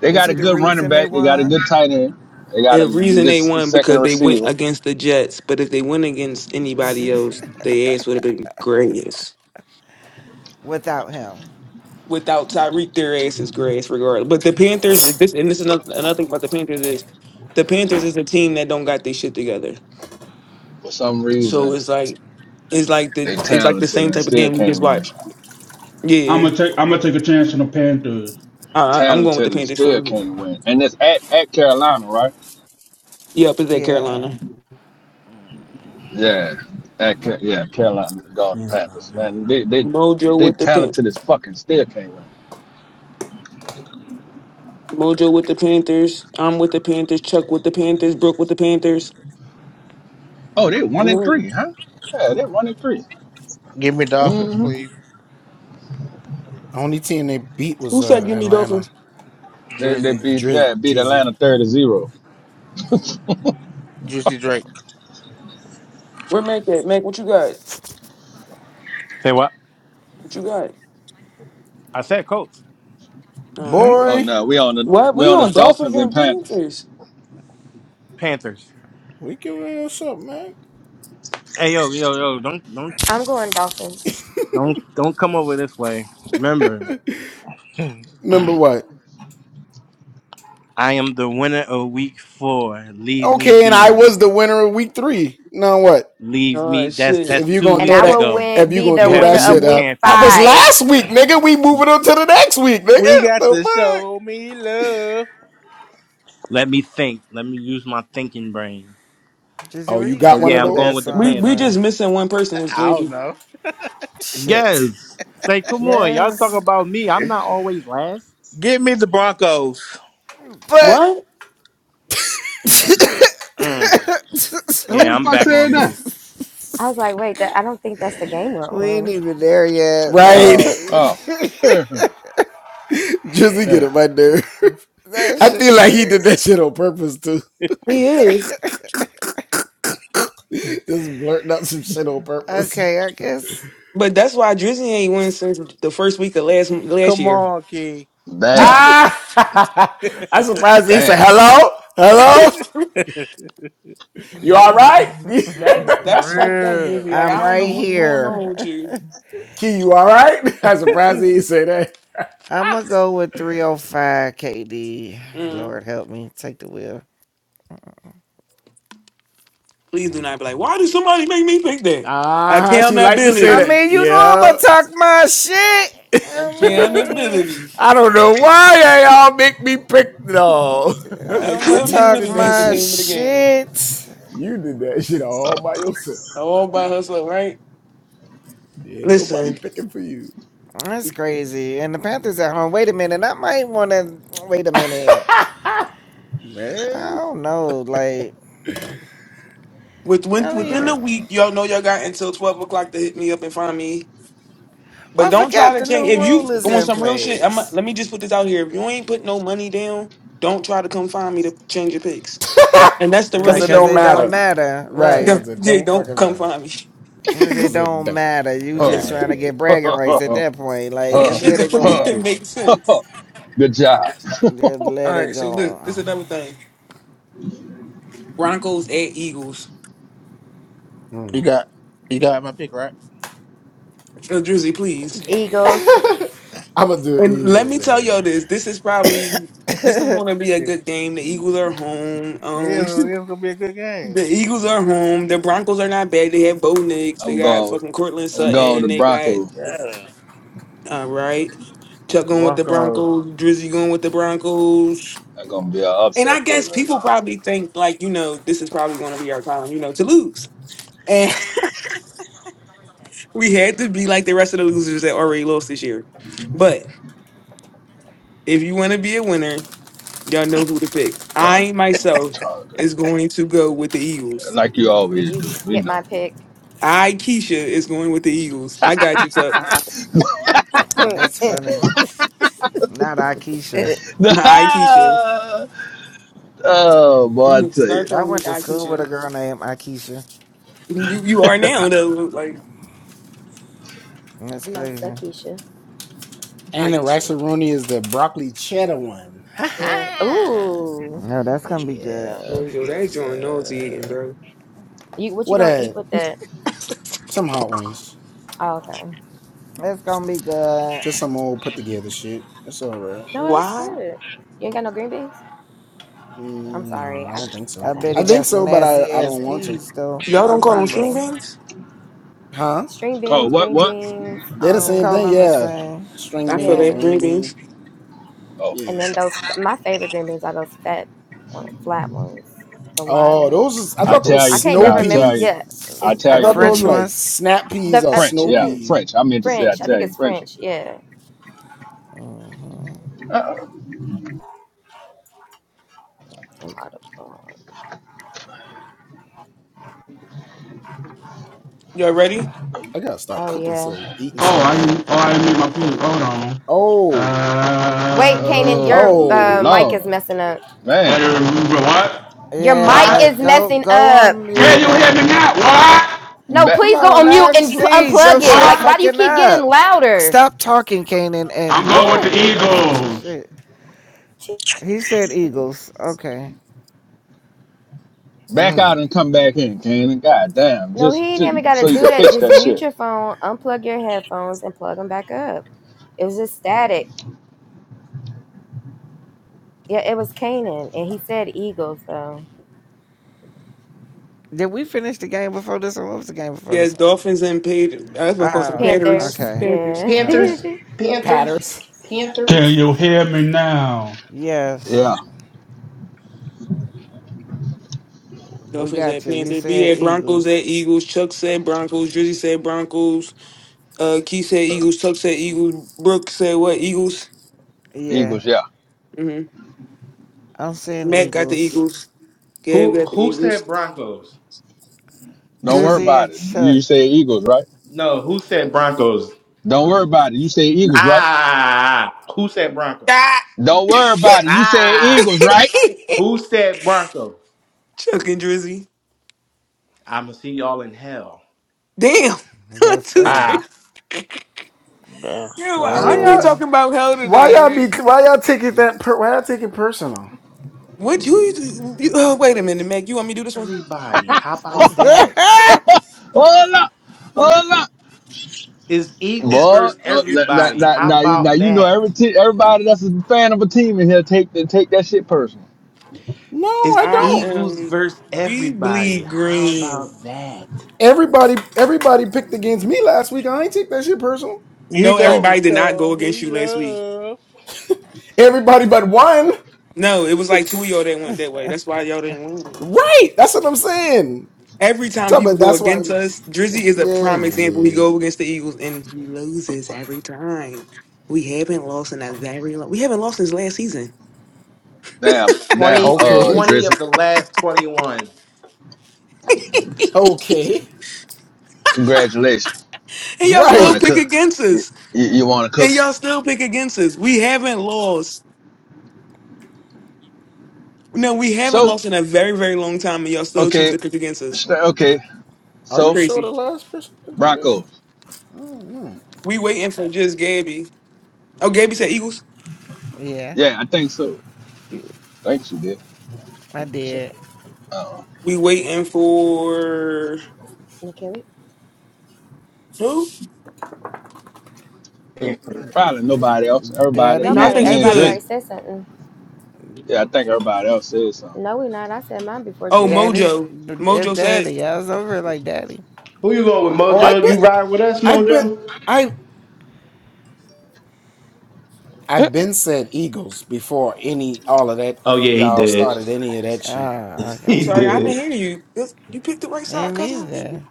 They Is got a he the good running reason they back. They got a won? good tight end. They got a The good reason they won second because they went receiver. against the Jets, but if they went against anybody else, their ass would have been grass. Without him. Without Tyreek, their ass is grass regardless. But the Panthers, and this and this is another, another thing about the Panthers is the Panthers is a team that don't got their shit together. For some So reason, it's like it's like they the it's like the talented same and type of still game we can't just win. watched. I'm Yeah. gonna take. I'm gonna take a chance on the Panthers. Uh, I'm going with Talented the and Panthers still too. can't win. And it's at, at Carolina, right? Yep, it's at Yeah. Carolina. Yeah, at yeah Carolina God Yeah. Panthers. Man, they they Mojo they with the Pan- talented as fucking still can't win. Mojo with the Panthers. I'm with the Panthers. Chuck with the Panthers. Brooke with the Panthers. Oh, they Come one and on. three, huh? Yeah, they one and 3 Give me Dolphins, Mm-hmm. please. Who said give me Dolphins? They, they Jersey. beat yeah beat Atlanta thirty zero. Juicy Drake. Where Mac at? Mac, what you got? Say what? What you got? I said Colts. All Hmm. right. oh no, we on the What? we We on the on Dolphins Dolphins and and Panthers. Panthers. Panthers. Hey yo, yo, yo, don't don't I'm going Dolphins, don't don't come over this way. Remember, I am the winner of week four. Leave me be. Leave me Oh that's shit. that's two and I weeks will ago. win. Be You the have a winner of new Week champion. Five. Who we got to show me love. Let me think. Let me use my thinking brain. Drizzy, where you get But that yeah, I'm old going ass with the We song we Panthers. just from? missing one person was I don't Gabby. know. Shit. Yes. Say, come on, y'all talk Yes. about me. I'm not always last. Give me the Broncos. But What? Mm. Yeah, the I'm fuck back said on that? mute. I was like, wait, that, I don't think that's the game we're we ain't on. even there yet. Like Oh. Oh, yeah. that shit crazy. He is. okay, I guess But that's why Drizzy ain't won since the first week of last last Come year. on, Key. Damn, damn. that's that's fucked up, Real. Drizzy. Like I'm I don't know right what's going on with here. you. I'm gonna go with 305 KD. Mm. Lord help me, take the wheel. Please do not be like, why did somebody make me pick that? I Accountability. mean, you know I'm gonna talk my shit. I mean. Accountability. I'm gonna talk Accountability is the my name of the game. shit. All by herself, right? Listen, That's crazy. And the Panthers at home. Wait a minute. I might want to wait a minute, but I don't know. Like, with, with, hell within the yeah. week, y'all know y'all got until 12 o'clock to hit me up and find me. Oh, But I don't try forgot to the change. new If you rule is want in some real shit, I'm, place. let me just put this out here. If you ain't put no money down, don't try to come find me to change your picks. And that's the Like, realest shit in cause the it world. don't Like, matter, right? don't, yeah, don't come find me. Cause it don't matter. You just trying to get Huh. bragging rights at Huh. that point. Like, that Huh. just let shit it don't go. Huh. even you make sense. Huh. Good job. Just let All it right, so go. look, this is another thing. Broncos at Eagles. got you got my pick, right? Uh, Drizzy, please. Eagles. And let me tell y'all this. This is probably this is gonna be a Yeah. good game. The Eagles are home. It's, it's Um gonna be a good game. the Eagles are home. The Broncos are not bad. They have Bo Nix. They I'm got going. With, fucking Cortland I'm going with Sutton. the They got Broncos. Yeah. uh right. Chuck going with the Broncos. Broncos, Drizzy going with the Broncos. That's gonna be an And I upset pick guess right people now. probably think like, you know, this is probably gonna be our time, you know, to lose. And we had to be like the rest of the losers that already lost this year. but. If you want to be a winner, y'all know who to pick. God, I myself Tiger. is going to go with the Eagles. Like you Did always you do. We get know. my pick? I Keisha is going with the Eagles. I got you, Tuck. no, That's funny. Not Akeisha. I Keisha. oh boy, I tell Start you. I calling went me to I school with a Keisha. girl named Akeisha. You you are now though. Like That's crazy. Sakisha. I Keisha. Mm. Ooh, No, that's gonna be good. Mojo, that's John Nosey eating, bro. you what you gonna eat with that? Oh, okay. That's gonna be good. No, that's Why? good. You ain't got no green beans. I'm sorry, I just I gotta have a bet he got some vegetable nasty ass peas though. Y'all Get or don't them call them string broccoli, peas. beans? string Oh, beans, what? green What? beans. I call Um, them the same. I feel yeah. that green beans. Oh, And then those, my favorite green beans are those fat, one, flat ones, the wide ones. I Italian. can't never The remember. Italian. Yeah, it, are The Italian those it, green French bean. ones. the uh, French, yeah, ooh, French. I meant to say French? I think Italian, it's French. French. Yeah. Uh, damn, Tim Audubon. Y'all ready? Oh yeah. Oh, Mhm. I didn't- oh I didn't make my pick. Hold on. Uh, Wait, Kanan, oh your uh, mic is Lord, messing up. man, uh, what? Your Yeah, mic What? like is go messing go up. on Can mute you hear me and now? What? No, back come please go on on mute now, and p- please. Your unplug it. shit Like, why What? do you fucking keep getting up. louder? Stop talking, Kanan, I'm and Yeah. go going with on the mute and fix your Eagles. shit. He said Eagles. Okay. back out and come back in, Canaan. God damn, No, he just ain't just even got to so you do can that. fix Just that mute shit. your phone, unplug your headphones, and plug them back up. It was just static. Yeah, it was Canaan, and he said Eagles though. Did we finish the game before this one? What was the game before Yes, this one? Dolphins and paid. That's what I call them. Oh, Panthers, okay. Panthers. yeah. All Panthers, right. no, Panthers, Can Panthers. you hear me now? Yes. Yeah, We Dolphins got at you. You Panthers. B said at Broncos Eagles. at Eagles. Chuck said Broncos. Drizzy said Broncos. Uh, Keith said Eagles. Chuck said Eagles. Brooke said what? Eagles. Yeah, Eagles. Yeah, hmm I'm saying Matt got the Eagles. Eagles. Gab Who got the who Eagles. said Broncos? don't worry Drizzy about and it. Chuck. You say Eagles, right? No, who said Broncos? Don't worry about it. You say Eagles, right? Ah, who said Broncos? Ah! Don't Chuck worry about it. You say Ah, Eagles, right? who said Broncos? and Drizzy. I'ma see y'all in hell. Damn. I'm That's just crazy. Ah, Yeah. Yo, why I we keep Alright. don't talking about hell today, man? What you, you oh, wait a minute, Mac. You want me to do this one? Everybody, how about hold that? wanna. up, hold up. It's Eagles But versus uh, now, everybody. now, How now you now about you know every that? te- everybody that's a fan of a team in here take that take that shit personal. It's I Eagles am. versus We everybody. bleed How green. about that? You No, got Oh to everybody did not show go against me you last week. love. No, it was like two of y'all that went that way. That's why y'all didn't win. Every time people go against us, Drizzy is a prime example. He go against the Eagles and he loses every time. We haven't lost in a very long. We haven't lost since last season, damn damn Twenty. We're uh twenty of Drizzy, the last twenty-one. congratulations. and y'all You still want to pick cook? against You, us. you want to And cook? y'all still pick against us. We haven't lost. No, we haven't So lost in a very very long time, and y'all still choose okay to pick against us. st- okay so Crazy. Broncos. We waiting for just Gabby. Oh, Gabby said Eagles. yeah, Yeah, I think so. think you did. I Shit. did. Uh, We waiting for can we? who? probably nobody else. Everybody No, Daddy, I me, Nobody. think he me and Everybody good. already Drizzy. said something. Yeah, I think everybody else said something. No, we not. I said mine before Oh, Jersey. daddy, Mojo. it's Mojo said, daddy. I was over it like daddy. Who you going with, Mojo? You ride with us, Mojo? Oh yeah, he did. Oh, "I'm He okay. sorry, I didn't did. hear you. This- You picked the right side, Ain't cousin." either.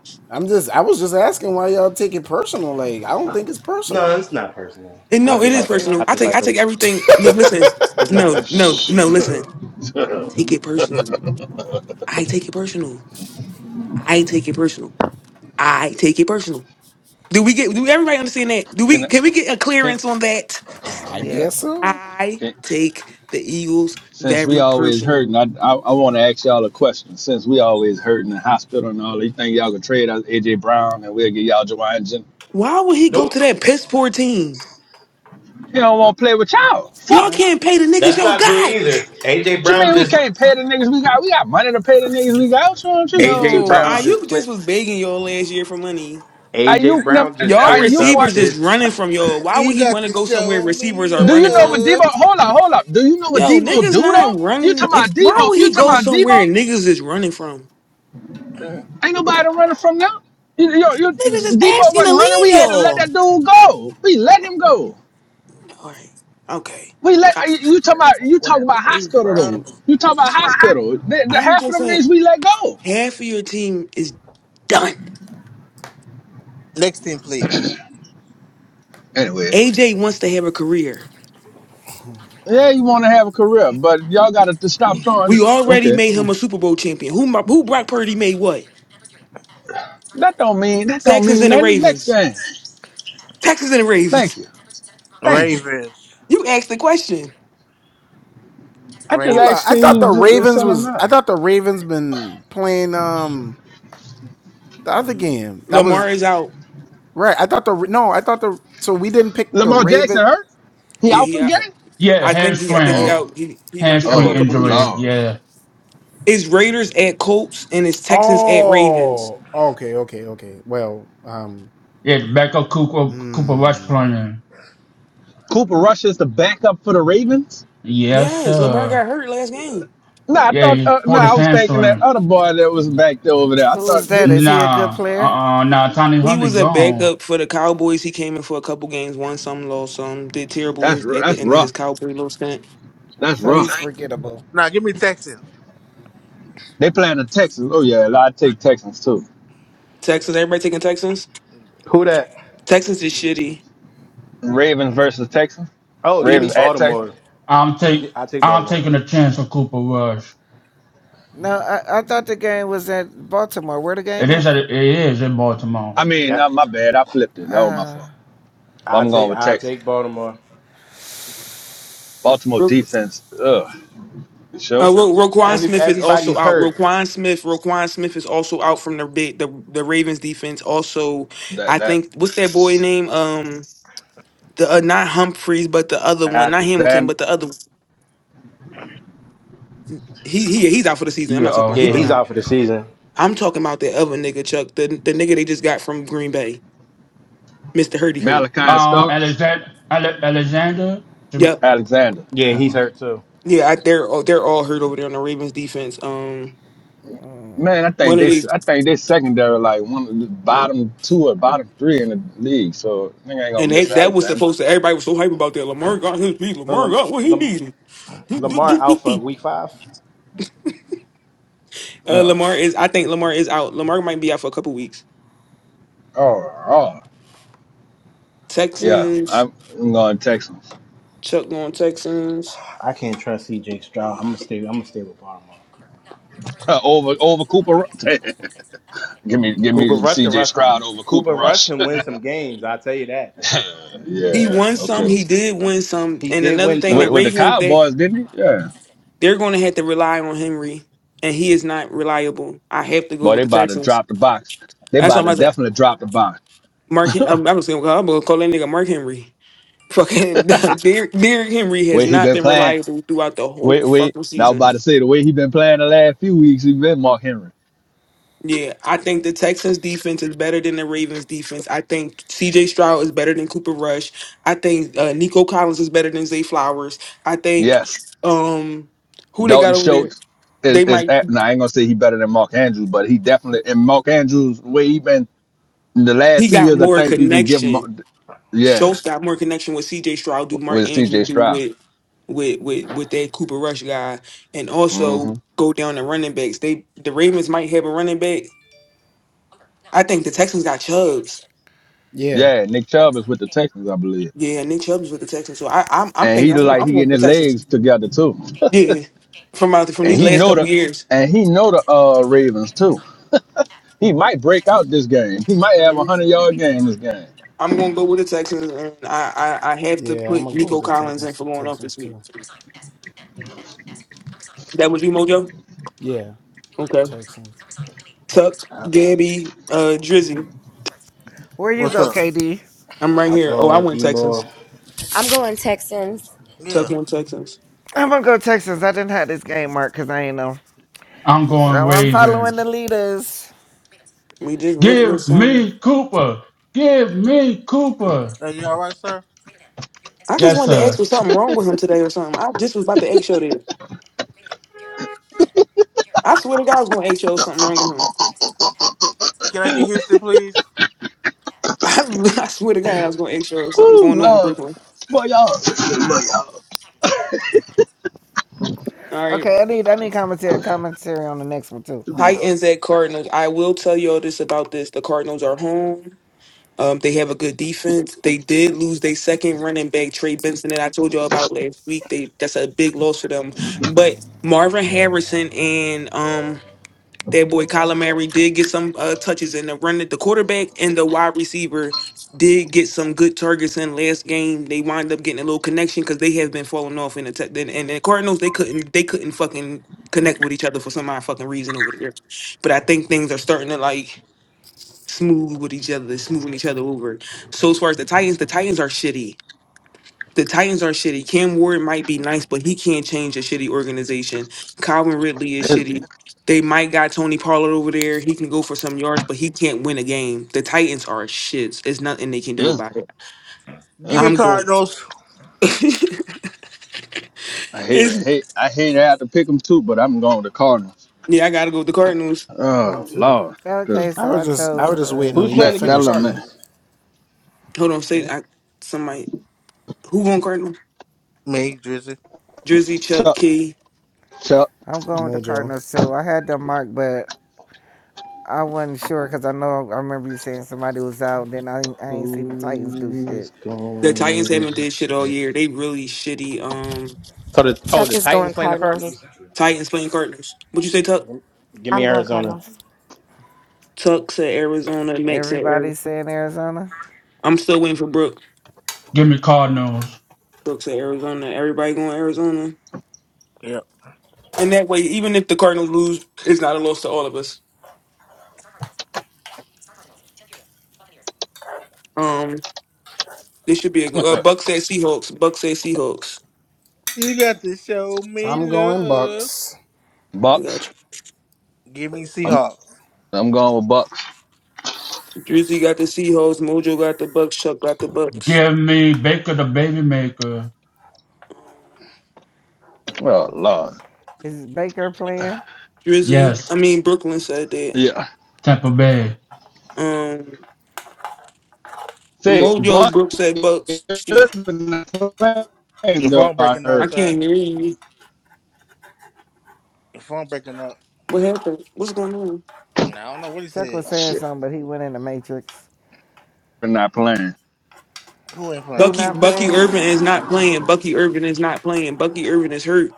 No, it's not personal. And I no, What's it just is like to. personal. personal? I I just take like I to. take everything. Look, listen. It's not No, no, personal. no. Listen. Take it personal. I take it personal. I take it personal. I take it personal. Do we get? Do everybody understand that? Do can we? I, Can we get a clearance can, on that? Yeah. I can take the Eagles Since we very always personal. hurting, I I, I want to ask y'all a question. Since we always hurting in the hospital and all, you think y'all can trade us AJ Brown and we'll get y'all Jawan Jen? Why would he go to Nope. that piss poor team? You don't want to play with y'all? Fuck. Y'all Huh? can't pay the niggas That's y'all not true got. either. AJ What you Brown mean we just. can't pay the niggas we got? We got money to pay the niggas we got. What's wrong with you? What you AJ Yo, talking Brown Ayuk about? just just cleared. was begging y'all last year for money. AJ Ayuk, them- Brown just Y'all cleared Ayuk, up receivers what? just his. running from y'all. Why would You he got want to to go somewhere show me receivers are Do you running know from? what love. Debo? Hold up, hold up. Do you know what Yo, Debo niggas do though? not You running. talking If about why Debo? would You he talking go about somewhere Debo? and niggas is running from? Ain't nobody running from them. You, you, you, Niggas is Debo asking to wasn't running. We leave had to let y'all. that dude go. We let him go. All right, okay. We let I, you talk about you What talk that about please, hospital bro? though. You talk about hospital. The, the I'm half of just them saying, niggas we let go. half of your team is done. Next team, please. Anyway, AJ wants to have a career. yeah, you want to have a career, but y'all got to stop throwing. We already Okay, made Mm. him a Super Bowl champion. Who my who Brock Purdy made what? that don't mean that don't Texans mean and the nothing. Next Ravens. game. Texans and the Ravens. Thank you, thank you. Ravens. You asked the question. I just Ravens. asked can you ju- send them down. Lamar is out. Lamar Jackson hurt. He Yeah, out for he the out. game. Yeah, I think he. I think he hamstring, Oh, out. He he might be out hamstring for a oh couple weeks. injury. lord. Yeah, It's Raiders at Colts and it's Texans at Ravens. yeah. Backup Cooper Cooper Rush playing. Cooper Rush is the backup for the Ravens. Yes, Yes, Lamar sir. got hurt last game. No, nah, I Yeah, thought. he Uh, no, pulled nah, I his was thinking that hamstring. other boy that was back there over there. I Who is thought they. that? Is he a good Nah, player? uh, uh nah. Tony He Huntley was a gone. backup for the Cowboys. He came in for a couple games, won some, lost some, did terrible That's his, at the that's end of his rough. Cowboy little stint. That's So Mm. rough. he's forgettable. Now give me Texans. They playing the Texans. Oh yeah, I take Texans too. Texans, everybody taking Texans. Who that? Texans is shitty. Ravens versus Texans. Oh, give me Yeah. Ravens It's- at Texans. Baltimore. I'm take. Yeah, I take I'm Baltimore. taking a chance on Cooper Rush. No, I, I thought the game was at Baltimore. Where the It game is. at? At, it is in I Baltimore. mean, Yeah. Yeah, not my bad. I flipped it. That was my Uh, fault. But I I'm take. going with I Texans. take Baltimore. Baltimore Ro- defense. Ugh. You Uh, sure? Ro- Roquan Every Smith is also everybody's out. hurt. Roquan Smith, Roquan Smith is also out from the big, the the Ravens defense. Also, I That that think what's that boy name? Um, The uh, not Humphreys, but the other one, not Hamilton, Alexander but the other. one. He he yeah, he's out for the season. I'm Yeah. not talking about. He Yeah, been he's Okay. out. out for the season. I'm talking about the other nigga, Chuck. The the nigga they just got from Green Bay, Mister Hurdy Hurt. Malachi Uh, Starks. Alexander. Ale- Alexander. Jam- Yep. Alexander. Yeah, he's Okay. hurt too. Yeah, I, they're all they're all hurt over there on the Ravens defense. Um, Man, I think one of they these, I think they secondary like one of the bottom two or bottom three in the league. So I think I ain't gonna and they, miss that was Alexander. supposed to. Everybody was so hype about that. Lamar got his beat. So Lamar Lam, got what he Lam, needed. uh, Lamar Alpha week five. Ugh. Lamar is. I think Lamar is out. Lamar might be out for a couple weeks. Oh, oh. Yeah, Texans. I'm, going Texans Chuck going Texans. I can't trust CJ Stroud. I'm gonna stay. I'm gonna stay with Baltimore. over over Cooper. give me give Cooper me Rush can C.J. rush. Stroud over Cooper Cooper Rush Rush. can win some games. I will tell you that. He yeah, won some. okay. He did win some. He And did another win thing, With the some. with the Ravens they Cowboys, didn't he? Yeah. they're going to have to rely on Henry, and he is not reliable. I have to go Boy, they with the about to Texans. drop the box. They That's why about I'm to about to say definitely drop the box. Mark. Hen- I'm, I'm just gonna call, that nigga Mark Henry. Fucking Derrick Derrick Henry has way he not been been playing. reliable throughout the whole Wait, wait. fucking Now I'm season. about to say the way he been playing the last few weeks, he been Mark Henry. Yeah, I think the Texans defense is better than the Ravens defense. I think C.J. Stroud is better than Cooper Rush. I think uh, Nico Collins is better than Zay Flowers. I think Yes, um who they got Dalton over there? Schultz is they is. might At, now I ain't gonna say he better than Mark Andrews, but he definitely and Mark Andrews way he been In the last he two got years, I more think you can give them. connection. Yeah, Schultz got more connection with CJ Stroud do Mark with Andrews C.J. do Stroud. with with with with that Cooper Rush guy. And also hmm go down the running backs. They the Ravens might have a running back. I think the Texans got Chubbs. Yeah, Nick Chubb is with the Texans, I believe, Yeah, Nick Chubb's with the Texans. So I I'm I'm and he thinking I'm, look I'm like he going with getting the his Texans. legs together too, Yeah. From out from and these he last know couple the, years. and he know the uh Ravens too. He might break out this game. He might have a Mhm. hundred yard game this game. I'm gonna go with the Texans and I, I I have to put Nico Collins in for going off this week. That was you, Mojo? Okay. Tuck, Gabby, uh, Drizzy. where you What's go, up? KD? I'm right I'm here. Oh, going I with went B Texans. more. I'm going Texans. Yeah. Tuck went Texans. I'm gonna go Texans. I didn't have this game marked because I ain't know. I'm Okay. going So I'm following the Ravens. leaders. We just went with Give some. me Cooper. Give me Cooper. Are you all right, sir? I just Yes, wanted to ask sir. was something wrong with him today or something. I just was about to egg show there. I swear to God, I was going to egg show something wrong with him. Can I get Houston, please? I, I swear to God, I was going to egg show something Ooh, going on with Lord, Brooklyn. boy, y'all. All right. Okay, I need I need commentary commentary on the next one too. Titans at Cardinals. I will tell y'all this about this. The Cardinals are home. Um, they have a good defense. They did lose their second running back, Trey Benson, that I told y'all about last week. They that's a big loss for them. But Marvin Harrison and um that boy Kyler Murray did get some uh, touches in the run. The quarterback and the wide receiver did get some good targets in last game. They wind up getting a little connection because they have been falling off in the te- and, and the Cardinals. They couldn't they couldn't fucking connect with each other for some odd fucking reason over there. But I think things are starting to like smooth with each other, smoothing each other over. So as far as the Titans, the Titans are shitty. The Titans are shitty. Cam Ward might be nice, but he can't change a shitty organization. Calvin Ridley is It's, shitty. They might got Tony Pollard over there. He can go for some yards, but he can't win a game. The Titans are shits. It's nothing they can do it's, about it. Give me it's, I'm going. Cardinals. I hate, It's- hate, I hate to have to pick them too, but I'm going to Cardinals. yeah, I gotta go with the Cardinals. Oh Lord, cause Okay, so I chose. Uh, Who's that playing against that the little man, Cardinals? Hold on, say I somebody who going Cardinals? Me, Drizzy. Drizzy, Chuck Chuck, Key. Chuck. I'm going with the Cardinals too. I had them marked, but I wasn't sure because I know I remember you saying somebody was out. Then I I ain't seen the Titans do Who's shit. The going? Titans haven't did shit all year. They really shitty. Um So the oh Chuck the is Titans going playing the Cardinals. Cardinals. Titans playing Cardinals. What you say, Tuck? Give I'm me going Arizona. Cardinals. Tuck said Arizona. Max said Arizona. Everybody's saying Arizona. I'm still waiting for Brooke. Give me Cardinals. Brooke said Arizona. Everybody going Arizona. Yep. And that way, even if the Cardinals lose, it's not a loss to all of us. Um, this should be a good. Uh, Buck said Seahawks. Buck said Seahawks. You got to show me love. I Bucks. got you. Give me I'm Seahawks. I'm going with Bucks. Drizzy got the Seahawks. Mojo got the Bucks. Chuck got the Bucks. Give me Baker the Baby Maker. Um, Oh Lord. Is Baker playing? Drizzy. Yes. I mean Brooklyn said that. Yeah. Tampa Bay. Um, Say Mojo Bucks Brooke said Bucks. Jeez, Irvin not playing Your though, phone I breaking up, I heard. sir. can't hear you. Your phone breaking up. What happened? What's going on? And I don't know what he Chuck said. was Oh, saying shit. something, but he went in the Matrix. They're not playing. Who ain't Who playing? Bucky not Bucky playing? Urban is not playing. Bucky Urban is not playing. Bucky Urban is hurt.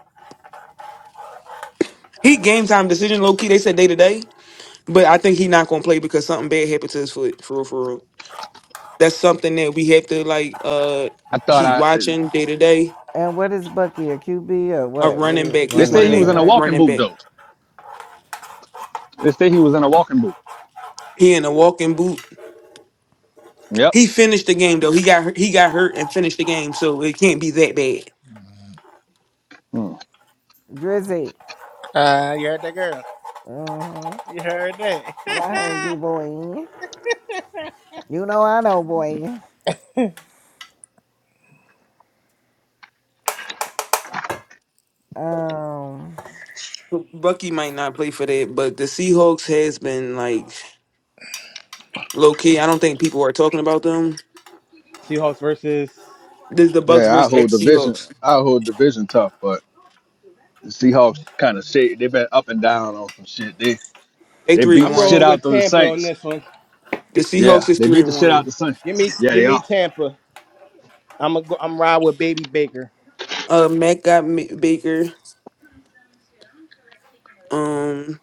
He game time decision low key. They said day to day, but I think he not gonna play because something bad happened to his foot. For real, for real. That's something that we have to like uh I thought keep I watching day to day. And what is Bucky? A QB or A what? What running is back. they He's a one say of he was the running in a back? walking running boot back. though. They say he was in a walking boot. He in a walking boot. Yep. He finished the game though. He got hurt- he got hurt and finished the game, so it can't be that bad. Hmm. Drizzy. Uh, you heard that girl. Mm-hmm. You heard Y'all heard that. you, boy. You know I know, boy. Um. Bucky might not play for that, but the Seahawks has been like low key. I don't think people are talking about them Seahawks versus. This is the Bucks Yeah, I versus hold ex division Seahawks. I hold division tough, but the Seahawks kinda shit they've been up and down on some shit. They They they three beat and I'm the one. shit rolling out of with the Tampa on Saints. this one. The Yeah, Seahawks is they three beat the and shit out one. the Saints. Give me Yeah, give they me are. Tampa. I'm a, go, I'm ride with Baby Baker. Uh, Mac got M- Baker. Um,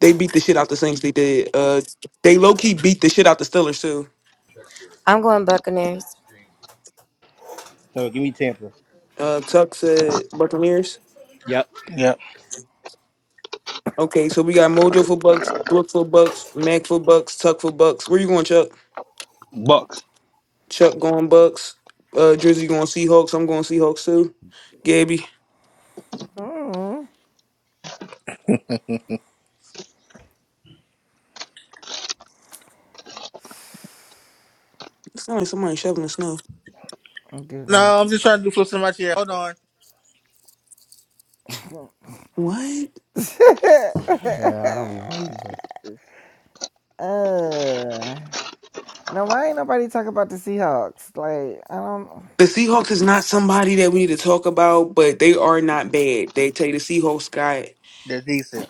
they beat the shit out the Saints. They did. Uh, they low key beat the shit out the Steelers too. I'm going Buccaneers. So give me Tampa. Uh, Tuck said Buccaneers. Yep. Yep. Okay, so we got Mojo for Bucks, Brooke for Bucks, Mac for Bucks, Tuck for Bucks. Where you going, Chuck? Bucks. Chuck going Bucks. Uh, Drizzy going Seahawks. I'm going Seahawks too. Gabby, Mm-hmm. it sounds like somebody shoveling snow. Dude, I do no, I'm just trying to do flips in my chair. Hold on. not know. What? uh. Now, why ain't nobody talk about the Seahawks? Like, I don't. The Seahawks is not somebody that we need to talk about, but they are not bad. They tell you the Seahawks got They're decent.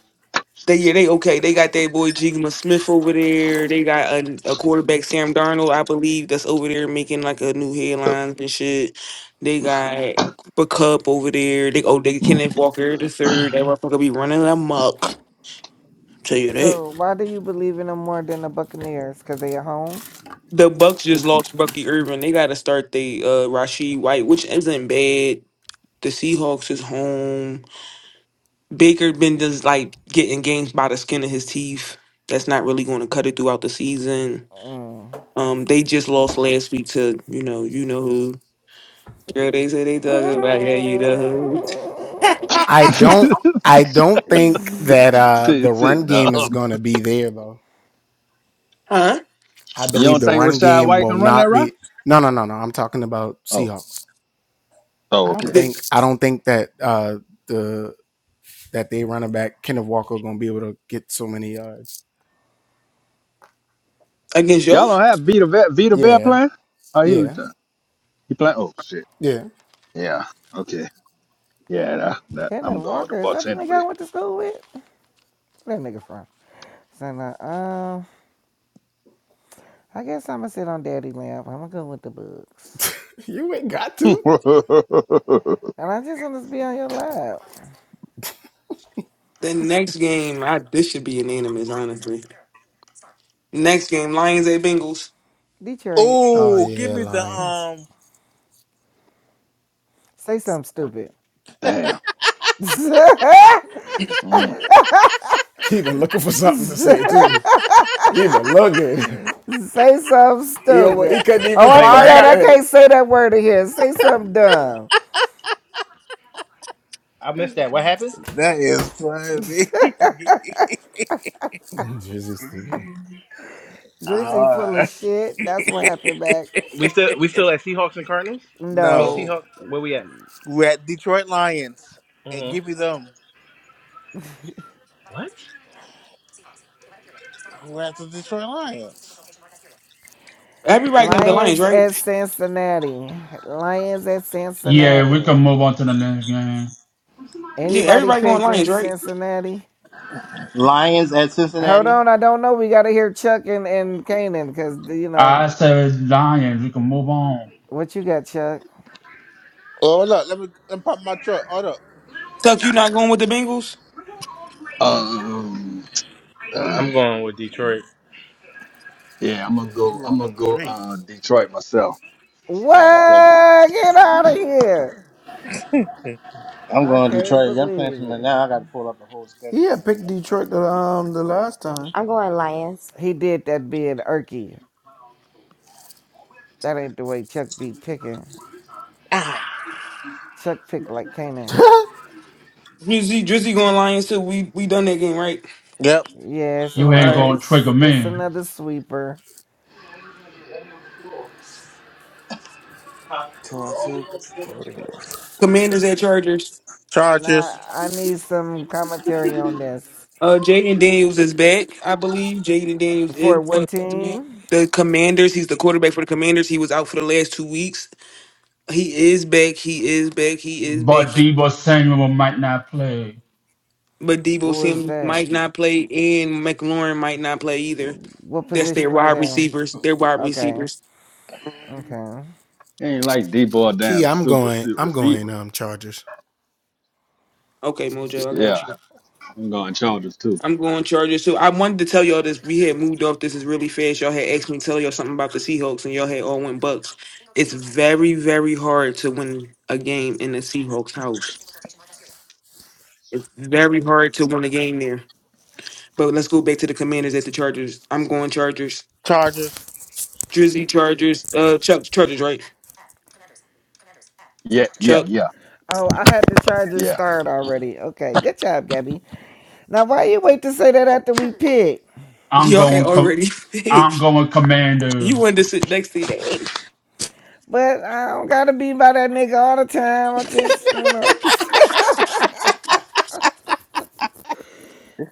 they yeah they okay. They got that boy Jigma Smith over there. They got a, a quarterback Sam Darnold, I believe, that's over there making like a new headlines and shit. They got Cooper Cup over there. They oh they Kenneth Walker the third. That motherfucker be running amok. Tell you that. So, why do you believe in them more than the Buccaneers? Because they at home? The Bucks just lost Bucky Irvin. They got to start the uh, Rashid White, which isn't bad. The Seahawks is home. Baker been just like getting games by the skin of his teeth. That's not really going to cut it throughout the season. Mm. Um, they just lost last week to you know you know who. Girl, they say they talking about yeah you know who Mm. Sit, sit, nah. You don't think Rashad White can run that route? Oh, oh, okay. Th- against y'all. Y'all don't have Vita Vet, Vita Vet playing? Oh, he retired. He playing? Oh shit. Yeah. Okay. Yeah. That, that Kenneth I'm going with the Walker, is that Bucks the nigga anyway. I went to school with? Where that nigga from? So, now, um, I guess I'm gonna sit on daddy lap. I'm gonna go with the books. And I just want to be on your lap. The next game, I this should be unanimous honestly. Next game, Lions at Bengals. Detroit, Oh, give me the um. say something stupid. Damn. Mm. say something stupid. Oh, I Wait, what forgot. I happened? can't say that word in here. Say something dumb. I missed that. What happened? That is funny. Drizzy full of Alright. shit. That's what happened back. We still we still at Seahawks and Cardinals? I mean no. No. Seahawks where we at? We're at Detroit Lions. And hmm give me them. What? We're at the Detroit Lions. Everybody going with the Lions, Lions right? at Cincinnati. Lions at Yeah, we can Cincinnati. move on to the next game. Yeah, Anybody everybody going picking Lions, right? Cincinnati? Lions at Hold Cincinnati. on, I don't know. We gotta hear Chuck and and Kanan because you I know said Lions, we can move on. what you got, Chuck. Oh, hold up. Let me, let me pop my truck. Hold up. Tuck, you not going with the Bengals? Um. uh, I'm going with Detroit. yeah, I'm gonna You go. are I'm gonna number go. three. Uh, Detroit myself. Oh, okay. What? Get out of here! I'm I going can't Detroit. I'm playing believe from it. now. I got to pull up the whole schedule, man. I, I I'm going Lions. He did that being irky. That ain't the way Chuck be picking. Ah. Chuck pick like Kanan. Drizzy, Drizzy going Lions too. We we done that game, right? Yep. Yeah, it's a You All ain't gonna right. trigger It's me. another sweeper. Two on two. two, Commanders at Chargers. Nah, Chargers. I need some commentary on this. Uh, Jaden Daniels is back, I believe. Jaden Daniels is For what team? the Commanders. He's the quarterback for the Commanders. He was out for the last two weeks. He is back. He is back. He is back. But Debo Samuel might not play. But Debo Who is Samuel that? might not play, and McLaurin might not play either. What That's their position are wide they? receivers. Their wide Okay, receivers. Um, okay. Ain't like D boy damn super suit receiver. okay, Mojo, I got Yeah, you. I'm going Chargers too. I'm going Chargers too. I wanted to tell y'all this. We had moved off. This is really fast. Y'all had asked me to tell y'all something about the Seahawks, and y'all had all went Bucks. It's very, very hard to win a game in the Seahawks house. It's very hard to win a game there. But let's go back to the Commanders at the Chargers. I'm going Chargers. Chargers. Drizzy Chargers. Uh, Chuck Chargers, right? Yeah, yeah, Chuck. yeah, Oh, I had the charges yeah. start already. Okay, good job, Gabby. Now, why you wait to say that after we pick? I'm Y'all had going com- already I'm picked. going You commanders. wanted to sit next to Daddy. But I don't gotta be by that nigga all the time. I just, you know,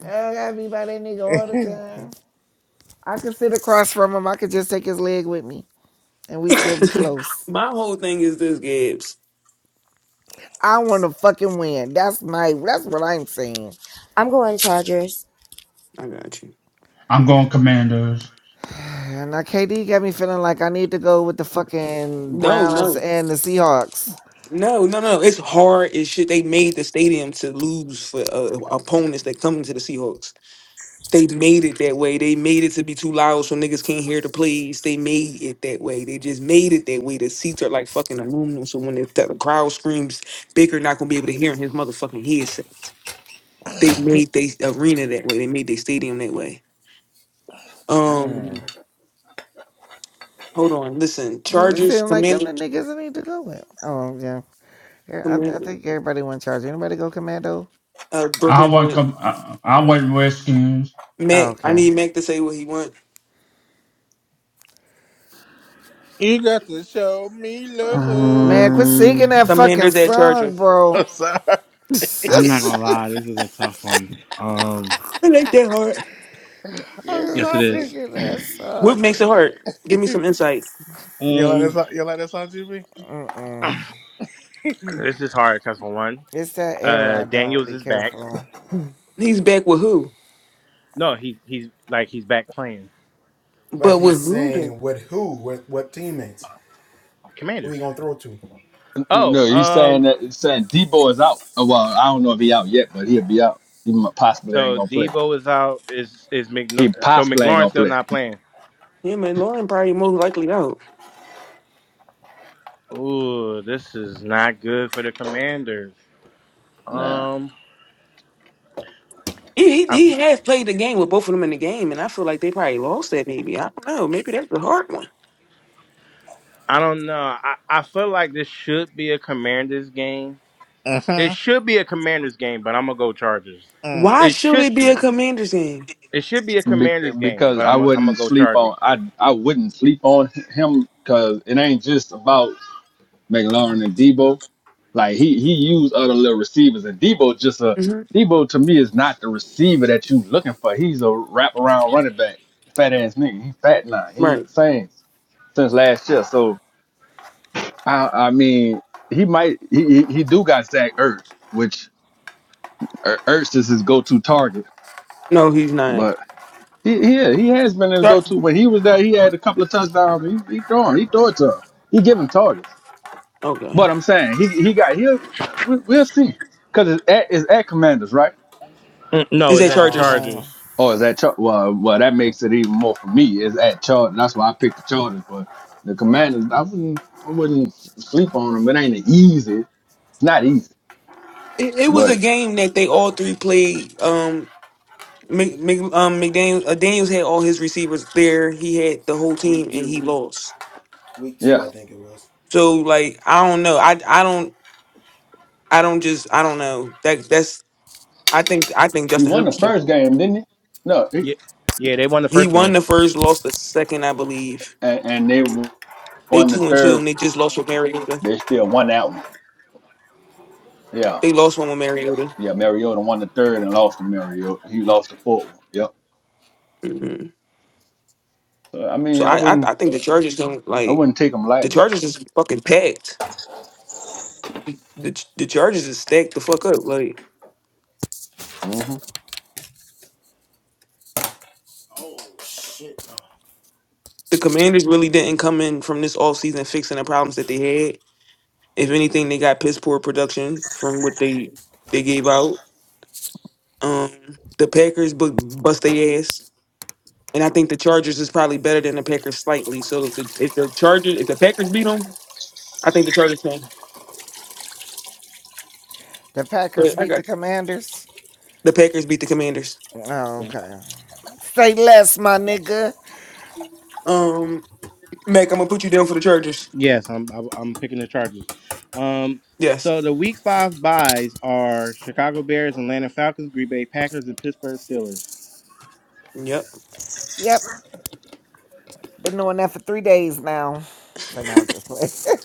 I don't gotta be by that nigga all the time. I could sit across from him. I could just take his leg with me, and we still be close. My whole thing is this, Gibbs. I want to fucking win. That's my. That's what I'm saying. I'm going Chargers. I got you. I'm going commanders. And Now, KD got me feeling like I need to go with the fucking No, Browns no. and the Seahawks. No, no, no. It's hard as shit. They made the stadium to lose for uh, opponents that come into the Seahawks. They made it that way. They made it to be too loud so niggas can't hear the plays. They made it that way. They just made it that way. The seats are like fucking aluminum, so when the, the crowd screams, Baker not gonna be able to hear in his motherfucking headset. They made they arena that way. They made their stadium that way. Um, Mm. hold on. Listen, Mm, It Chargers, seems like them Commander, the niggas I need to go with. Oh yeah. Yeah, I, I Commander, think everybody went charge. Anybody go commando? uh, I Brooklyn, want com- I, I want Redskins. Oh, Mac. I okay. need Mac to say what he wants. You got to show me don't- love. Man, quit singing um, that fucking Commanders at Chargers. song, bro. I'm sorry. I'm not gonna lie. This is a tough one. Um, It ain't that hard. I'm yes, it sorry. is. singing that What song, makes it nigga. hard? Give me some insight. You like that Um, song? You like that song, GB? Mm-mm. this is hard because for one, It's that era uh, I don't Daniels really is care back. for. He's back with who? No, he he's like he's back playing But with Luda, Commanders. Oh, No, he's um. saying that he's saying Debo is out. Uh, Well, I don't know if he out yet, but he'll be out. He might- possibly ain't So gonna play. Debo is out. Is is McNo- He so possibly ain't McLaurin gonna still play. not playing? him and Lauren probably most likely out. Ooh, this is not good for the Commanders. Nah, Um, He, he I he has played the game with both of them in the game, and I feel like they probably lost that. Maybe I don't know. Maybe that's the hard one. I don't know. I I feel like this should be a Commanders game. Uh It huh. should be a Commanders game, but I'm gonna go Chargers. Uh Why It should should it be a be. Commanders game? It should be a be- Commanders game, because but I I'm I'm gonna wouldn't go sleep on Chargers. I I wouldn't sleep on him because it ain't just about McLaurin and Debo. Like he he used other little receivers and Debo just a hmm Debo to me is not the receiver that you looking for. He's a wraparound running back, fat ass nigga. He fat now. He Right? same since last year. So I, I mean, he might he, he he do got Zach Ertz, which Er- Ertz is his go-to target. No, he's not. But he yeah, he has been his Char- go-to. When he was there, he had a couple of touchdowns. He he throw him, he throw it to him. He give him targets. okay. But I'm saying he he got he'll we- we'll see because it's at it's at Commanders right No, Is is that that the Chargers? No. Chargers? or is that Char- well well that makes it even more for me It's at Chargers. That's why I picked the Chargers. But the Commanders I wouldn't I wouldn't sleep on them. It ain't easy. It's not easy, It, it was a but game that they all three played. Um, Mc, Mc, um, McDaniel, uh, Daniels had all his receivers there. He had the whole team, and he lost. yeah. So like I don't know. I I don't I don't just I don't know. That that's I think I think He Justin won Herbert the should- first game, didn't he? No, he, Yeah, yeah, they won the he first won game. the first, lost the second, I believe. and, and they won They the two and two, third. and they just lost with Mariota. They still won that one. Yeah, They lost one with Mariota. yeah. Mariota won the third and lost to Mariota. He lost the fourth one. Yep. hmm So I mean, So I I, I wouldn't, I think the Chargers don't I like wouldn't take him the lightly. Chargers is fucking packed. The Ch- the Chargers is stacked the fuck up. Like hmm the Commanders really didn't come in from this offseason fixing the problems that they had. If anything, they got piss poor production from what they they gave out. Um, the Packers bu- bust their ass, and I think the Chargers is probably better than the Packers slightly. So if the, if the Chargers, if the Packers beat them, I think the Chargers can. The Packers But I beat got the you. Commanders? the Packers beat the Commanders. Oh, Yeah. okay. Say less, my nigga. Um, Mac, I'm gonna put you down for the Chargers. Yes, I'm I'm I'm picking the Chargers. Um, Yes. so the Week Five buys are Chicago Bears, Atlanta Falcons, Green Bay Packers, and Pittsburgh Steelers. Yep. Yep. Been doing that for three days now. So no, just play.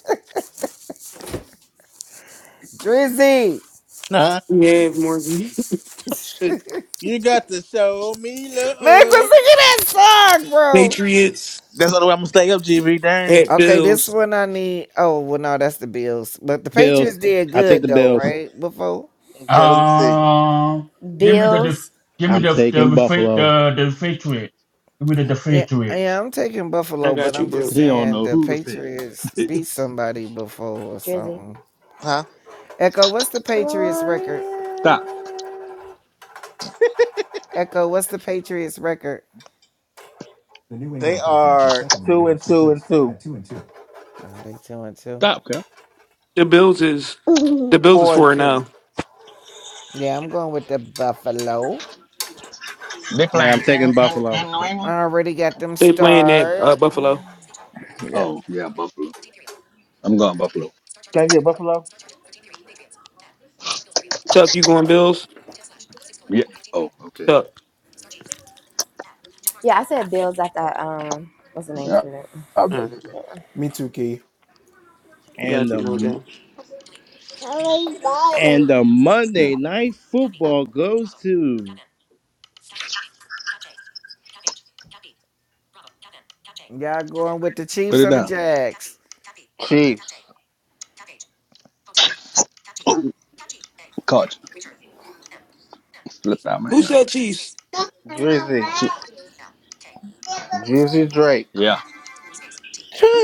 Drizzy! huh. Yeah, Morgan. Shit. You got to show me Man, quit love. singing that song, bro! Patriots That's the only way I'm gonna stay up, GB. Dang. at Okay, this Bills. one I need. Oh, well, no, that's the Bills. But the Patriots Bills. did I take good the though, Bills. right? Buffalo. Okay, let me see. Um give me the Bills. def- give me I'm the the taking the, Buffalo. the, the Patriots. Give me the, the Yeah, Patriots. yeah, I'm taking I Buffalo, but got you, I'm just bro. He don't saying know the who to pick. Patriots beat somebody before or Drizzy. something. Huh? Echo, what's the Patriots Gloria. record? Stop, Echo, what's the Patriots record? They are two and two and two, Oh, they two and two. stop, Cal. The Bills is the Bills is four and four and two. zero. Yeah, I'm going with the Buffalo. They Yeah, playing I'm in, taking in, Buffalo. in New England. I already got them They playing at starred. uh, Buffalo. Yeah. Oh yeah, Buffalo. I'm going Buffalo. Can I get Buffalo? Tuck, you going Bills? Yeah. Oh okay. Tuck. Yeah, I said Bills after I, um what's the name Yeah. to it? I- All I- right. And Got you, no the doubt. and the yeah. Monday Night Football goes to Y'all going with the Put Chiefs it or the down. Jags? Chiefs. Caught you. Slipped out my Who hand. said Chiefs? Drizzy. Drizzy Drake. Yeah,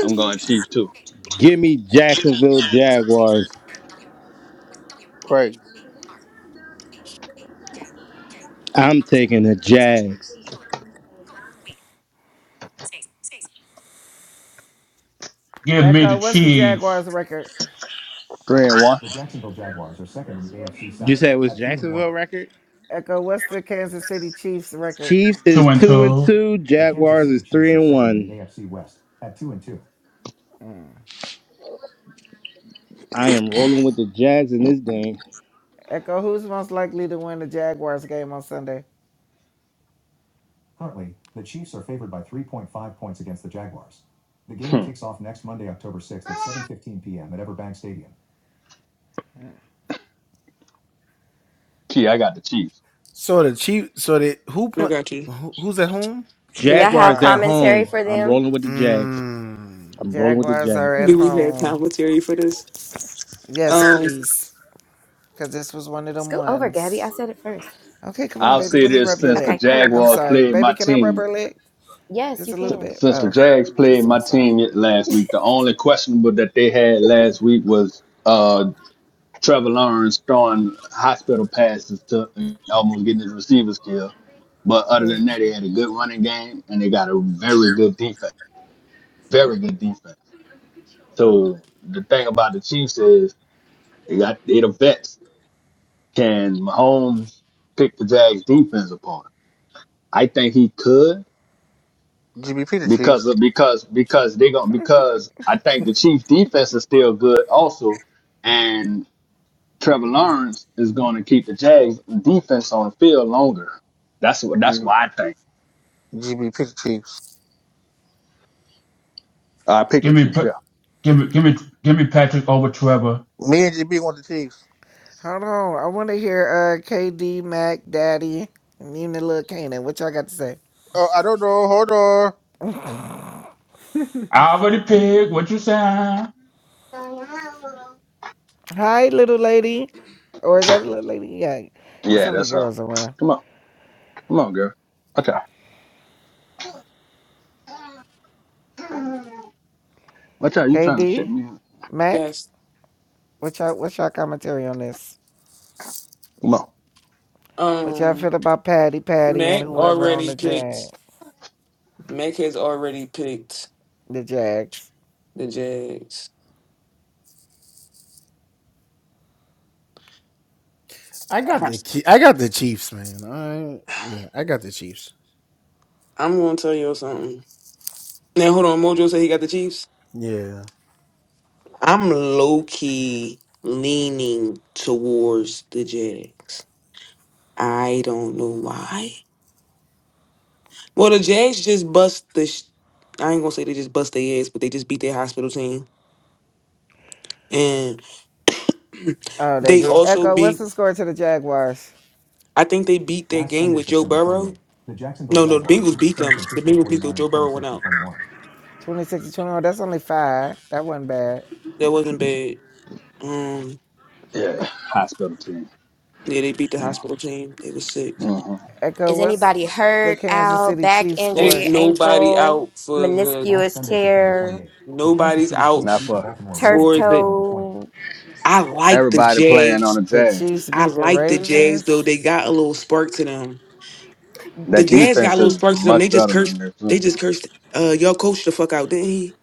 I'm going Chiefs too. give me Jacksonville Jaguars. Crazy. I'm taking the Jags. Give me the Echo, what's the Chiefs Jaguars record? Three and one. You said it was Jacksonville record. Echo, what's the Kansas City Chiefs record? Chiefs is two and two and two. two. Jaguars is three and one. I am rolling with the Jags in this game. Echo, who's most likely to win the Jaguars game on Sunday? Hmm. Key, I got the Chiefs. I got you. Do y'all have Jaguars at Jaguars. commentary home. for I'm them? rolling with the Jags. I'm rolling with the Jaguars Jags. are at Do we have home. commentary for this? Yes, Um, please. Because this was one of them Scoot over, Gabby. I ones. said it first. Okay, come on, I'll baby. say Let me this rub your since the leg. Okay, come here. I'm Jaguars Okay. sorry. played Baby, my can I rub team, her leg? Yes, Just you a s- little can. bit? since Oh, the okay. Jags played Just a my massage. team y- last week, the only questionable that they had last week was uh, Trevor Lawrence throwing hospital passes to and almost getting his receivers killed. But other Mm. than that, they had a good running game and they got a very good defense, very good defense. So the thing about the Chiefs is they got they the vets. Can Mahomes pick the Jags defense apart? I think he could. GBP the because Chiefs. of because because they going because I think the Chiefs defense is still good also, and Trevor Lawrence is going to keep the Jags defense on the field longer. That's what that's GBP what I think. the Chiefs. I picked Give the me, Chiefs. Yeah, Pa- give me, give me, give me Patrick over Trevor. Me and GB want the Chiefs. Hold on. I want to hear uh, KD, Mac, Daddy, and even the little Canaan. What y'all got to say? Oh, I don't know. Hold on. I already picked what you saying. Hi, little lady. Or is that a little lady? Yeah. It's yeah, only that's her. girls around. Come on, come on, girl. Okay, watch out. You trying to KD? shit me? Mac, yes. what's your what's your commentary on this? Come on. What y'all Um, feel about Patty, Patty, and Mac whoever on already the Jag, picked. Mac has already picked the Jags? the Jags. Uh-huh. I'm gonna tell you something. Now hold on. Mojo said he got the Chiefs. I'm low key leaning towards the Jags. I don't know why. Well, the Jags just bust the. Sh- I ain't gonna say they just bust their ass, but they just beat their hospital team, and Oh, they they did. also Echo, beat what's the score to the Jaguars? I think they beat their game with Joe Burrow. No, no, the Bengals beat them. The Bengals beat them. Joe Burrow went out. 26 to 21. That's only five. That wasn't bad. That wasn't bad. Um, Yeah, hospital team. yeah, they beat the hospital team. They was sick. hmm Echo, Is what's anybody the hurt? Kansas Out, City back Chiefs Ain't injury, score? nobody ankle, out for the. meniscus tear, Nobody's out Not for turf for the. toe. I like the everybody playing on Jags. the The Jags. Chiefs I beat the like the Jags though. Ravens. They got a little spark to them. The That Jazz got defense a little is spark to them. They much just better than cursed. their team. They just cursed. Uh, your coach the fuck out, didn't he?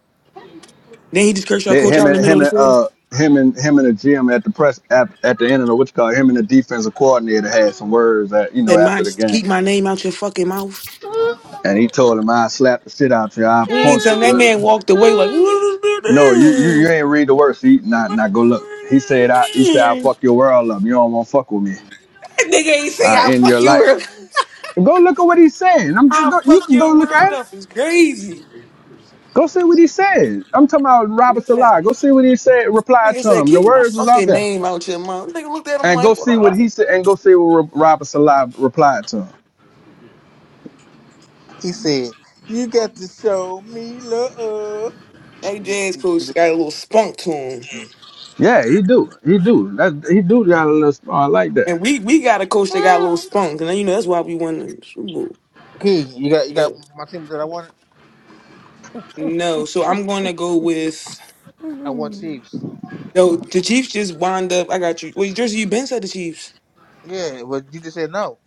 Then he just cursed your They, coach him out in the and middle him of the and field. uh him and him and the GM at the press at, at the end of the what you call it, him and the defensive coordinator had some words that you know Said, after "My the game, keep my name out your fucking mouth." and he told him I slap the shit out you, I and punch you. Anytime that man Uh, walked away like, what is No, you you, you this? ain't read the words. He not What the not go look. He world said is I he said I this? fuck your world up. You don't want to fuck with me. That nigga ain't say I I end your fuck your life. world. Go look at what he's saying. I'm just I go, you fuck can go your look world at it. up. It's crazy. Go see what he said. I'm talking about Robert Nigga said, Salah. Go see what he said. Reply nigga to said, him. The keep my words is out fucking there. name out your mouth. Nigga looked at him and go like, what? see I what he Like? said, and go see what Robert Salah replied to him. He said, "You got to show me love." AJ's coach got a little spunk to him, Yeah, he do, he do, that he do got a little smart like that. and we we got a coach that got a little spunk, and then, you know that's why we won the Super Bowl. Okay, you got you got But my team that I wanted. no, so I'm going to go with I want Chiefs. no. The Chiefs just wind up. I got you. Wait, Jersey, you been said the Chiefs. Yeah, but you just said no.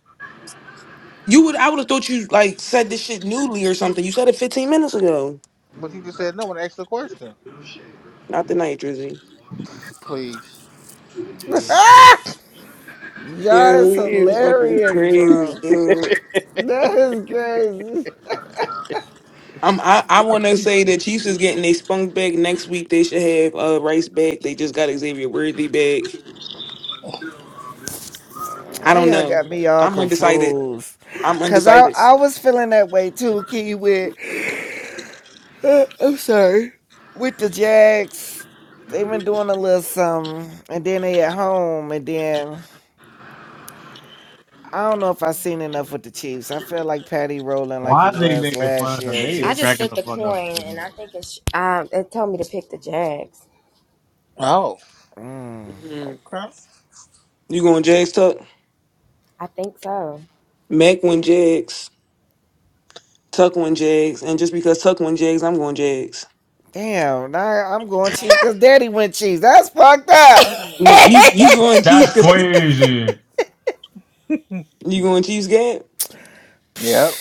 You would I would have thought you like said this shit newly or something. You said it 15 minutes ago. But you just said no when I asked the question. Not tonight, Drizzy. Please. Y'all Yeah, is it's fucking hilarious, crazy, bro. dude. That is crazy. I'm, I, I want to say the Chiefs is getting a spunk back next week. They should have uh, Rice back. They just got Xavier Worthy back. I Now don't y'all know. got me all I'm undecided. confused. I'm Cause I, undecided. I was feeling that way too, Key, with uh, I'm sorry. With the Jags. They been doing a little something and then they at home and then I don't know if I seen enough with the Chiefs. I feel like Patty rolling like he Why is they was making fun last of her? year. They is I just cracking Just flipped the a fuck up. coin, so bad. and I think it's. Um, it told me to pick the Jags. Oh, mm, Mm. okay. You going Jags, Tuck? I think so. Mac win Jags. Tuck win Jags. And just because Tuck win Jags, I'm going Jags. damn, now I'm going Chiefs because Daddy went Chiefs. That's fucked up. No, you you going Chiefs That's because crazy. you going Chiefs, Gab? Yep.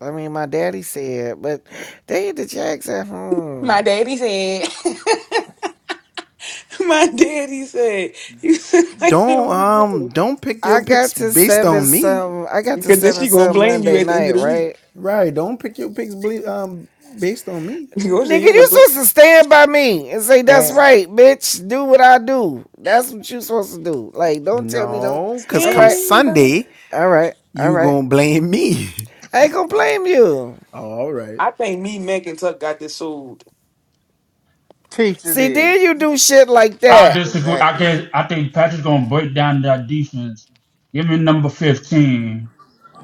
I mean, my daddy said, but they the Jags at home. My daddy said. My daddy said, "You said like it was good." I got to seven some. I got to because then seven she gonna some blame you Monday at the end night, of the week. right? You gonna say Nigga, you ain't gonna you blame. supposed to stand by me and say that's Damn. right, bitch. Do what I do. That's what you supposed to do. Like, don't tell me don't. All right, Stand by. all right, all right. I ain't gonna blame you. I think me, Mac, and Tuck got this sold. Chiefs it See, is. then you do shit like I that. disagree. I Exactly. guess I think Patrick's gonna break down that defense. Give me number fifteen.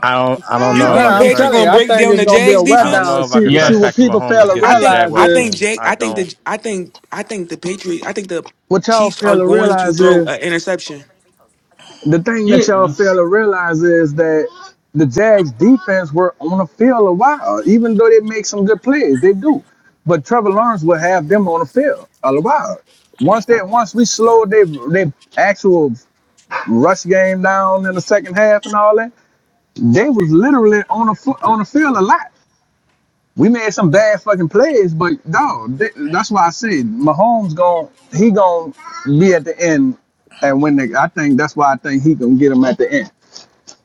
I don't I don't You know Well, if I think can I'm Patrick telling trust you, gonna I break think down it's the gonna be a Jags I wet don't defense? down. know if I can See, see trust what Yes. Patrick people Mahomes fail to against I this think. realize I Jaguars is think team. Jack. I I think don't. the. I think. I think the Patriots. I think the what y'all Chiefs are fail to going to realize throw is an interception. the thing that y'all Yeah. fail to realize is that the Jags defense were on the field a while, even though they make some good plays, they do. But Trevor Lawrence will have them on the field a while. Once they once we slow their their actual rush game down in the second half and all that. They was literally on a fo- on the field a lot. We made some bad fucking plays, but dog, th- that's why I said Mahomes gon' he gon' be at the end, and when they, I think that's why I think he gonna get him at the end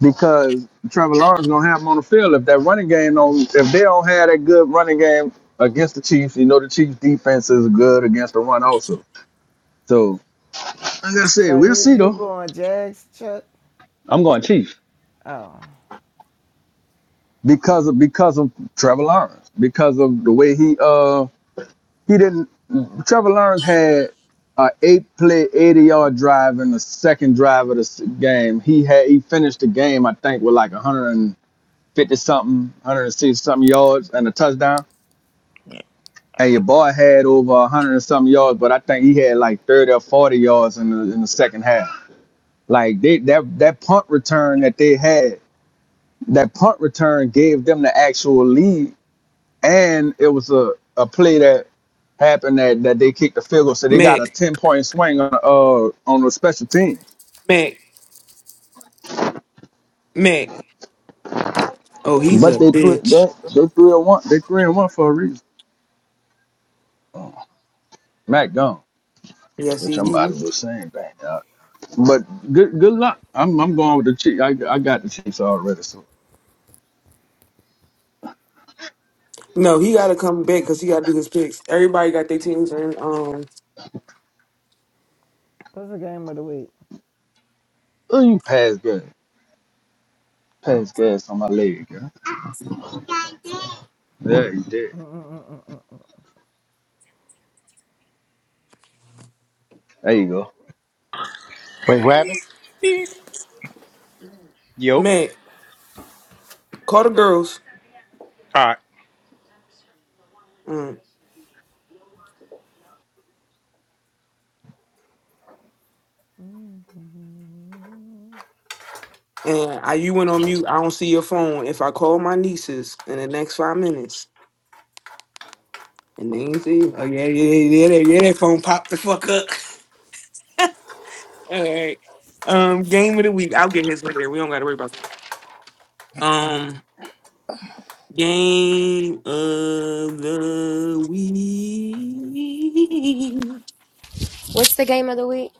because Trevor Lawrence gonna have him on the field if that running game don't if they don't have that good running game against the Chiefs. You know the Chiefs defense is good against the run also. So like I said, So we'll you see you though. going Jags, Chuck? I'm going Chiefs. Oh, because of because of Trevor Lawrence, because of the way he uh he didn't Trevor Lawrence had a eight play eighty yard drive in the second drive of the game. He had he finished the game I think with like one hundred and fifty something, one hundred and sixty something yards and a touchdown. And your boy had over one hundred and something yards, but I think he had like thirty or forty yards in the in the second half. Like they that that punt return that they had, that punt return gave them the actual lead and it was a, a play that happened that, that they kicked the field goal, so they got a Mac. ten point swing on uh on the special team. Mac. Mac. Oh, he's But a they three bitch. that they three and one they three and one for a reason. Mac gone, Yes, which he. I'm he about he- to do the same thing. uh, but good good luck. I'm I'm going with the Chiefs. I, I got the Chiefs already. So no, he got to come back because he got to do his picks. Everybody got their teams in. um, what's the game of the week? oh, you pass gas, pass gas on my leg, girl. There you did. There you go. Wait, what happened? Yo. Man, call the girls. All right. Mm. And I, you went on mute. I don't see your phone. If I call my nieces in the next five minutes and they ain't see, oh yeah, yeah, yeah, yeah, yeah, that phone popped the fuck up. All right. Um, game of the week. I'll get his later. We don't gotta worry about that. Um, game of the week. What's the game of the week?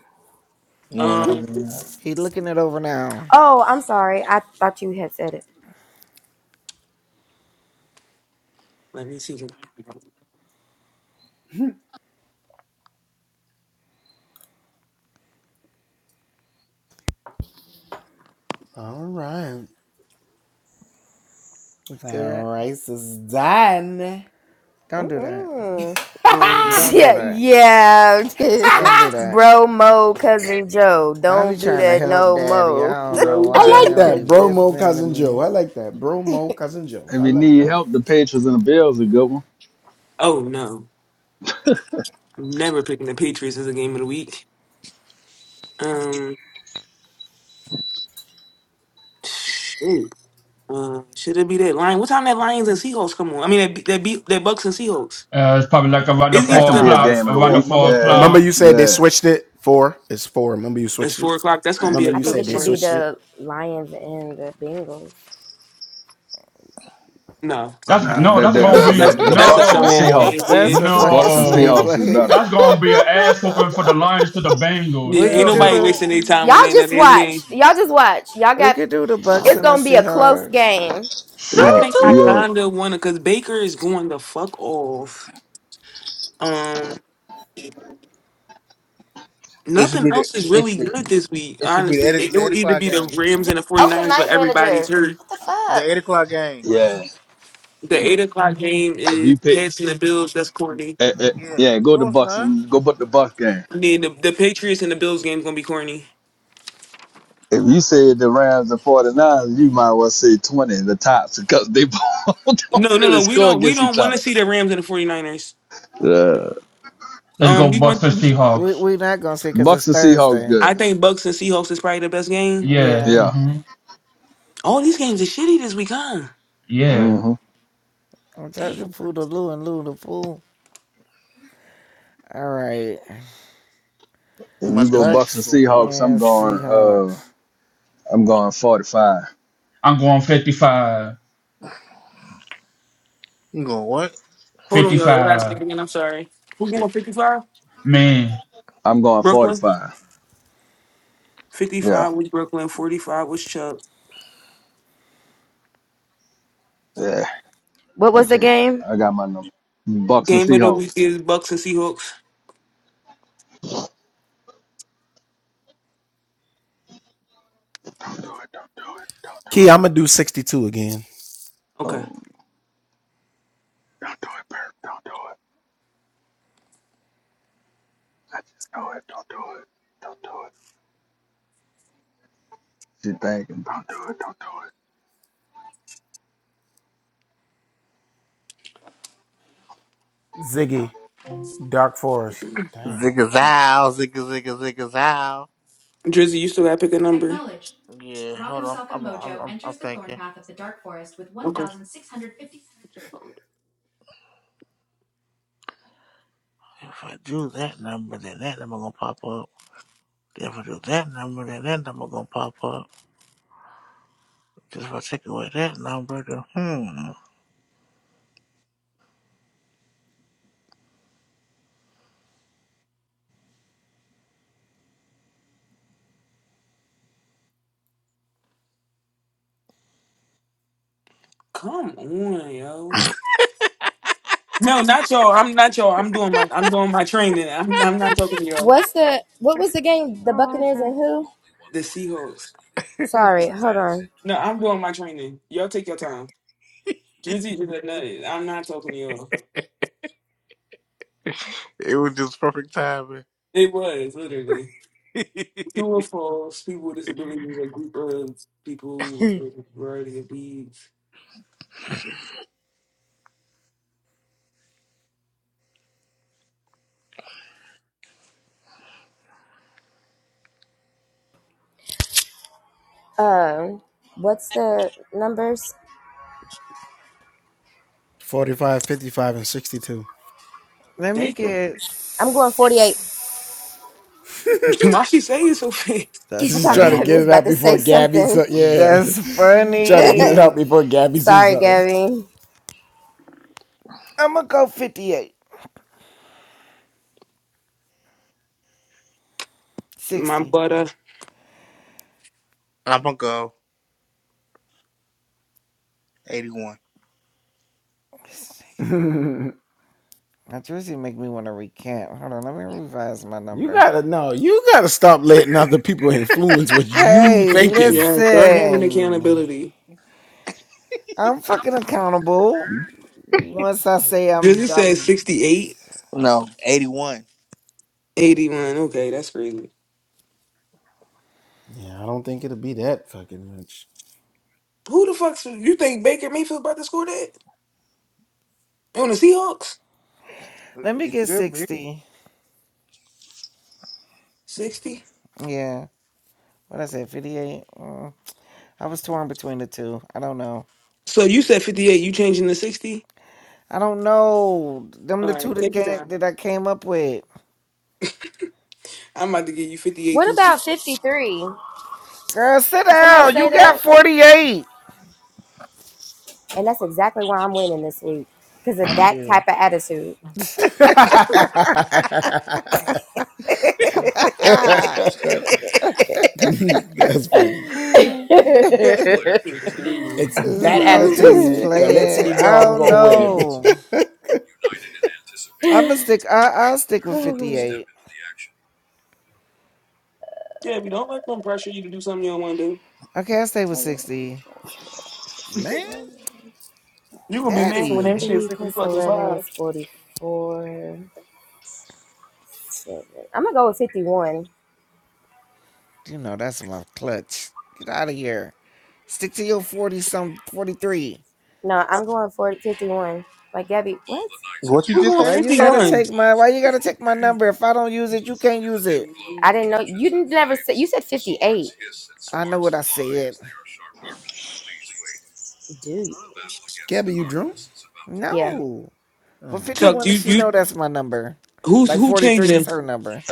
Well, no, no, Um, no. He looking it over now. Oh, I'm sorry. I thought you had said it. let me see. It's good. Don't do that. Mm-mm. Um, Don't do Yeah, that. yeah, Don't do that. bro, mo, cousin Joe, I be don't do trying to that help no daddy. mo. I don't know bro, why he Joe. don't Tech- be listening to me. If you need help, the Patriots and the Bills are a good one. Oh no, I'm never picking the Patriots as a game of the week. Um, shit. Uh, should it be that lion? What time that Lions and Seahawks come on? I mean, that be- that beat that Bucks and Seahawks. Uh, it's probably like around the It's That four can either be a o'clock. game of the Around the week. four Yeah, o'clock. yeah. it's four o'clock. That's gonna be a I think good it should be one. the Lions and the Bengals. No, Oh, That's nah, no. Nah, the, That's the gonna that's the a be that's the the sweep. that's a Bucks and the dumb ass Seahawks. no, game. Yeah, That's a The fucking Bucks and sweep. no. Seahawks is Like better. That's gonna be an ass whooping for the Lions to the Bengals. yeah. we Ain't could Hell do nobody no. wasting their the time Y'all on that just another game. watch. Y'all just watch. Y'all we got. could do the Bucks It's and the gonna be a close Seahawks. game. Shoot! I Yeah, think I yeah. kinda wanna because Baker is going the fuck off. Um. it should Nothing be the else is it really should, good this week, it should be the honestly. It, eight, it the will eight either o'clock be the game. Rams and the Open 49ers, but night everybody's manager. hurt. What the The fuck? eight o'clock game. Yeah. The 8 o'clock game If you is pick, passing the Bills. That's Courtney. eh, eh, Yeah. yeah, go to No, it's Bucks not. and go put the Bucks game. The, the the Patriots and the Bills game's gonna be corny. If you say the Rams and 49ers, you might well say 20, the tops. because they both don't No, no, really no. We score don't we against each don't want to other. see the Rams and the 49ers. Yeah. Let's Um, go, we want. Buster Seahawks. We we not gonna see because it's Bucks and Seahawks Thursday. I good. think Bucks and Seahawks is probably the best game. Yeah. Yeah, Yeah. hmm All these games are shitty this week, huh? Yeah. hmm I'm trying to Damn. pull the Lou and Lou the pool. All right, If you Monday go night Bucks and Bucks football. Seahawks, I'm and going uh Seahawks. I'm going 45. I'm going 55. You going what? Hold on, y'all. Last thing 55. again. I'm sorry. Who game with 55? Man, I'm going Brooklyn. 45. Yeah. 55 was Brooklyn. 45 was Chuck. Yeah. What was the Okay, game? I got my number. Bucks and Game of the week Seahawks. is Bucks and Seahawks. Don't do it. Don't do it. Don't do it. Okay. Oh, don't do it, Bert. Don't do it. I just know it. Don't do it. Don't do it. She thinking. Don't do it. Don't do it. Zigga zow, zigga zigga zigga zow. Drizzy, you still gotta pick a number. Yeah, hold on. I'm I'm I'm, I'm thinking. Okay. If I do that number, then that number gonna pop up. If I do that number, then that number gonna pop up. Just if I take away that number, then hmm, Come on, yo. No, not y'all. I'm not y'all. I'm doing my I'm doing my training. I'm I'm not talking to y'all. What's the what was the game? The Buccaneers and who? The Seahawks. Sorry, hold on. No, I'm doing my training. Y'all take your time. Drizzy is a nut. I'm not talking to y'all. it was just perfect timing. It was literally true or false. People with disabilities, are a group of people with a variety of needs. Um, what's the numbers? Let me They get. I'm going 48. why she say it so fast? That's I thought Gabby funny. was about to say something. That's funny. Sorry, Gabby. I'm gonna go 58. My 60. butter. I'm gonna go 81. This nigga. Now, Drizzy make me want to recant. Hold on, let me revise my number. Hey, Yeah, start having listen. accountability. I'm fucking accountable. Once I say I'm Drizzy said dumb, 68, No, 81. 81. Okay, that's crazy. Who the fuck you think Baker Mayfield about to score that on the Seahawks? let me It get could be. 60. 60. Yeah. What I said, 58? Mm. I was torn between the two. I don't know. So you said 58. You changing to 60? I don't know. Them All the two right, that, take your came, time. that I came up with. I'm about to give you 58 What through about 60. 53? Girl, sit Did somebody down. say You got that? 48. And that's exactly why I'm winning this week because of Fuck that type you. of attitude. Ah. That's crazy. I was just playing. I don't know. I'm gonna stick. I, I'll stick with 58. Yeah, if you don't let them pressure you to do something you don't want to do. Okay, I can stay with 60. You gonna be mad when that Daddy, shit Twenty-three 50 plus fucking eleven is five. 44 Seven. I'm gonna go with fifty-one. you know that's my clutch. Get out of here. Stick to your 40 some 43. No, I'm going for 51. Like Gabby, what? All the knights have What you Who just gathered going say, Why within you the gotta purple? 51? shadowy take my? halls Why of you the gotta troll take my cave. number? If I don't use it, you can't In the use dim it. glow, I didn't know you didn't never say you said 58. Swords hiss and I know sparks what I fly said. as they are sharpened. Do you? The battle against the darkness is about to begin. yeah. No. But Chuck, 51 you does she you know that's my number? who's Like who 43 is changing? her number.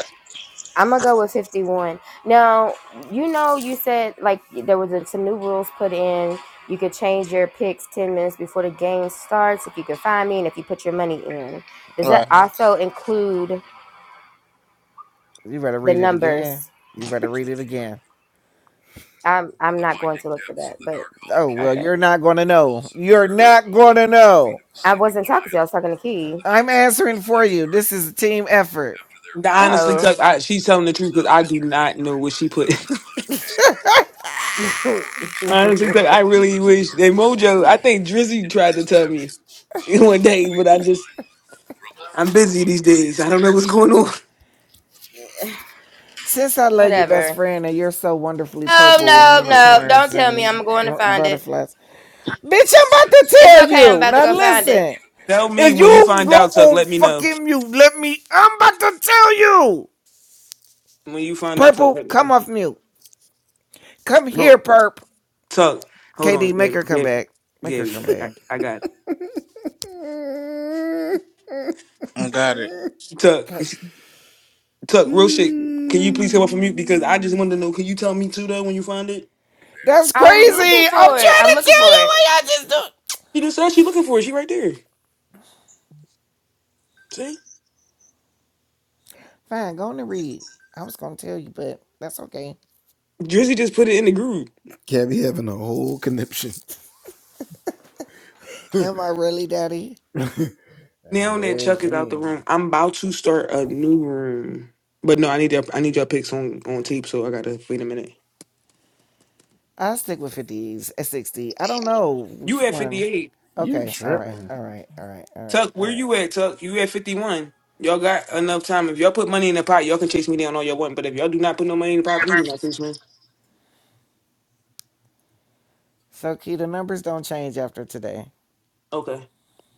I'm gonna go with 51. Now, you know, you said like there was a, some new rules put in. You could change your picks 10 minutes before the game starts if you can find me and if you put your money in. Does All that right. also include You better the read it again. numbers? You better read it again. I'm I'm not going to look for that, but Oh, well, okay. you're not going to know. You're not going to know. I wasn't talking to you. I was talking to Key. I'm answering for you. This is a team effort. Nah, Honestly, Oh. Tuck, I, she's telling the truth because I do not know what she put. Honestly, Tuck, I really wish that Mojo. I think Drizzy tried to tell me one day, but I just I'm busy these days. I don't know what's going on. Since I love you, best Whatever. friend, and you're so wonderfully No, purple and Let's no, see. no. unicorns Don't tell me. I'm and going to r- find it. butterflies, bitch, I'm about to It's tell okay. I'm you. about to Now go find it. listen, Tell me if when you you find go out, Tuck. on Let me know fucking mute, let me. I'm about to tell you. when you find out, Tuck. Purple, Let me come off mute. Come know. here, perp. Tuck, hold on, KD, make her Gab- come Gab- back. Make her Gabby. come I, back. I got it. I got it. Tuck, Okay. it's- Tuck, real shit. Can you please come up from mute because I just wanted to know. Can you tell me too though when you find it? That's I'm looking crazy. I'm trying for it. I'm to looking tell for you it. what I just do. She just said she looking for it. She right there. See, Fine, go on and read. I was gonna tell you, but that's okay. Drizzy just put it in the group. Am I really daddy? Now that Chuck is out the room, I'm about to start a new room. But no, I need your I need your picks on on tape, so I gotta wait a minute. I stick with fifties at sixty. I don't know You which at one. 58. Okay, all right, all right, all right, all right, Tuck, all where right. you at, Tuck? You at 51. Y'all got enough time. If y'all put money in the pot, y'all can chase me down all y'all want. But if y'all do not put no money in the pot, please do not chase me. So key, the numbers don't change after today. Okay.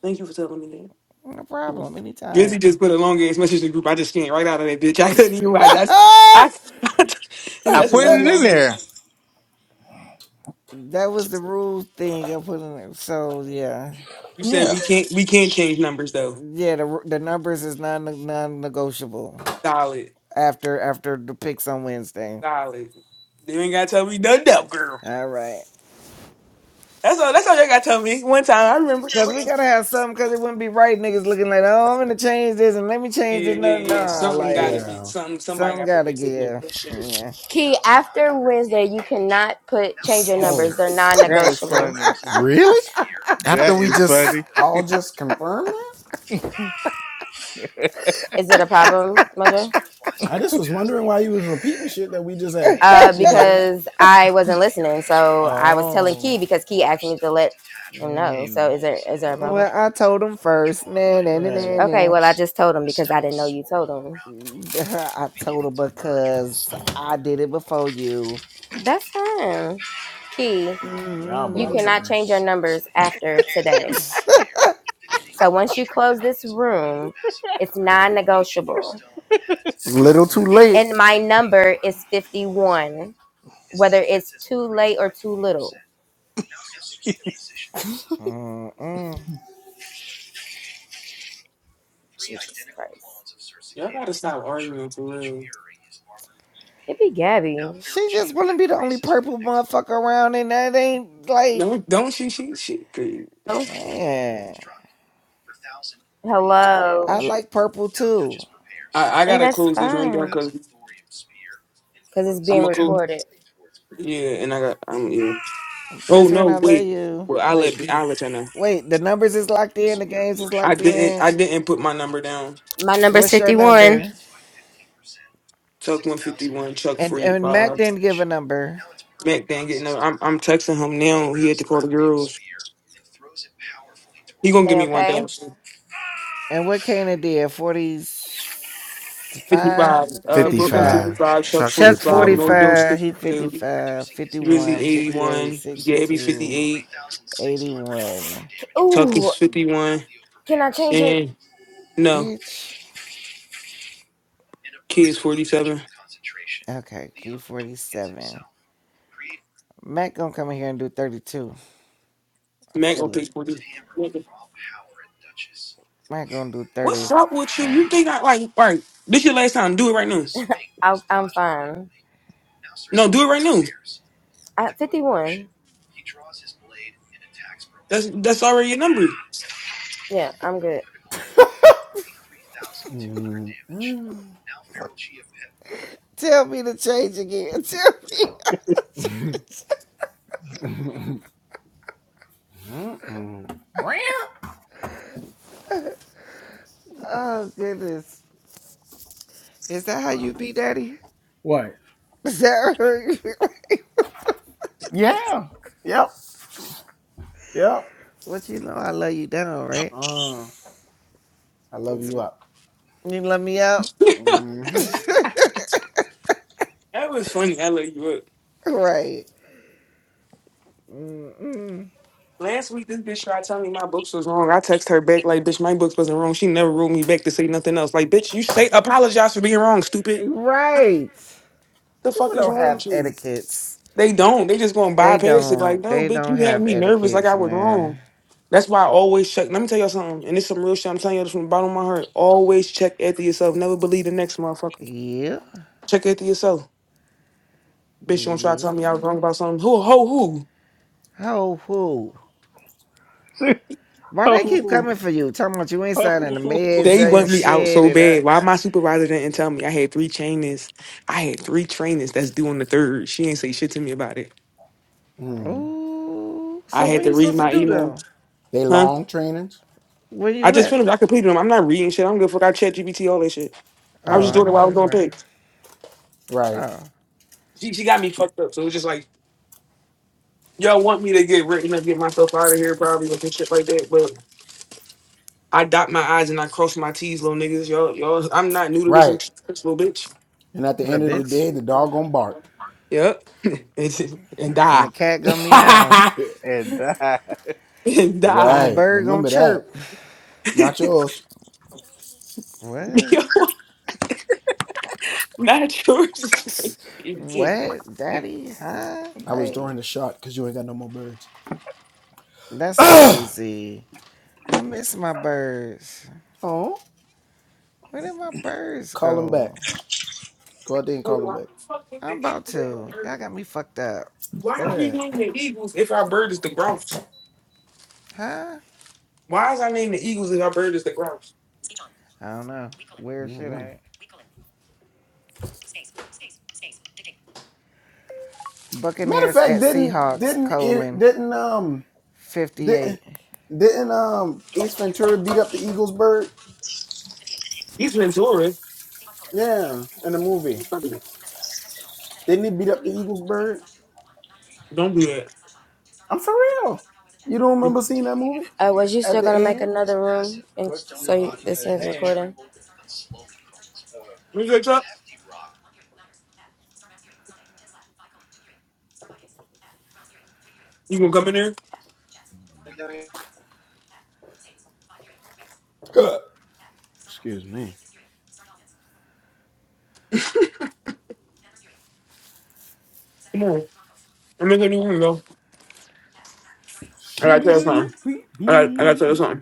Thank you for telling me No that. problem, anytime. Drizzy just put a long ass message in the group. I just can't right out of that bitch. I couldn't even watch. I, I, that I that's a put it in long ass message. there. was the rule thing I put in there. So yeah, You said Yeah. we can't we can't change numbers though. yeah. The the numbers is non non negotiable Solid, after after the picks on Wednesday. solid. You ain't gotta tell me nothing else, girl. All right. That's all. That's all you gotta tell me. One time I remember. Cause we gotta have something, cause it wouldn't be right, niggas looking like, oh, I'm gonna change this and let me Yeah, change this. yeah, No, yeah. no, Something gotta like, be. Something. Somebody something got to gotta fix it. man. Oh, give. Shit. Yeah. Key, after Wednesday, you cannot put change your numbers. They're That is non-negotiable. funny. That is funny. Is it a problem, Mojo? Uh, because I wasn't listening, so I was telling Key because Key asked me to let him know. So is there is there a problem? Well, I told him first. Nah, nah, nah, nah, Okay, nah. well I just told him because I didn't know you told him. I told her because I did it before you. That's fine, Key. You Y'all, Mm, cannot change your numbers after today. So once you close this room, it's non negotiable. mm, And my number is 51, whether it's too late or too little. mm, mm. Jesus Christ. y'all gotta stop arguing for real. It be Gabby. She just wouldn't be the only purple motherfucker around, and that ain't like, Don't don't she she she. Oh, man. Hello. I like purple too. I I And gotta that's close this room down fine. because Because it's I'm being gonna close. recorded. Yeah, and I got I'm yeah. Oh Best friend, I no, love wait. you. Well, I Wait, let I will let you all know. Wait, the numbers is locked in. The games is I locked didn't in. I didn't put my number down. My number's What's your 51. number? Tuck one fifty one, Chuck And forty and Mac five. didn't give a number. Mac didn't get no. I'm I'm texting him now. He had to call the girls. He gonna give They me one okay? thousand. And what Kanan did? 45? Fifty five. Uh, Brooklyn 55. fifty five, Chuck forty Chuck five, Mojo 45. He sixty two, 55, Drizzy 51, eighty 58, one, Gabby fifty 62, eight, 81. Tuck Ooh, is fifty one, can I change it? and no Bitch. kids forty seven. Okay, key 47. Mac gonna come in here and do 32. I Mac gonna feel it. pick forty. Mac gonna do What's 35. up with you? You think I like right? This your last time. Do it right now. I, I'm fine. No, do it right now. At 51. That's that's already your number. Yeah, I'm good. Tell me to change again. Tell me. Oh goodness. Is that how you be daddy? Is that how you- what you know I love you down, right? You love me out? That was funny. I let you up. right. Last week, this bitch tried telling me my books was wrong. I text her back like, "Bitch, my books wasn't wrong." She never wrote me back to say nothing else. Like, bitch, you say apologize for being wrong, stupid. Right. The People fuck is don't wrong have with you? etiquettes. They don't. They just gonna They bypass it. Like, don't. no, They bitch, don't you had have me nervous. Like etiquettes, I was man. wrong. That's why I always check. Let me tell y'all something, and it's some real shit. I'm telling y'all this from the bottom of my heart. Always check after yourself. Never believe the next motherfucker. Yeah. Check after yourself. Bitch, you want to try to tell me I was Yeah. wrong about something? Who, who, who? Ho who? Why they keep coming for you? Talking about you ain't signing the meds They and want me out shit so and bad. I Why my supervisor didn't tell me? I had three trainers. I had three trainers that's due on the third. She ain't say shit to me about it. Ooh. I So had what to you read supposed to my do email. though? Huh? What I you just at? finished. I completed them. I'm not reading shit. I don't give a fuck. I chat GPT, all that shit. I was just Oh, doing it no, while I was that's doing right. pics. Oh, She, she got me fucked up. So it was just like, y'all want me to get written up, get myself out of here probably with some shit like that. But I dot my I's and I cross my T's, little niggas. Y'all, y'all, I'm not new to this. I'm tr- this little bitch. little bitch. Yep. and and And die. the cat gonna meow. and die. and And the die. bird gonna chirp. What? Yo, Not yours. What, daddy? Huh? Like, that's crazy. I miss my birds. Where did my birds go? But Why the fuck is I'm the about eagle have a to. Y'all bird? got me fucked up. Why are we naming the Eagles if our bird is the grouse? Huh? Why is I naming the Eagles if our bird is the grouse? I don't know. Weird shit, ain't it? Buccaneers at Seahawks, colon, 58. He's Ventura. Don't do that. When Uh, was you still gonna make another room? And so you, this is recording. you catch up, you gonna come in there? Come on. I'm in the new window. I gotta tell you something. I gotta, I gotta tell you something.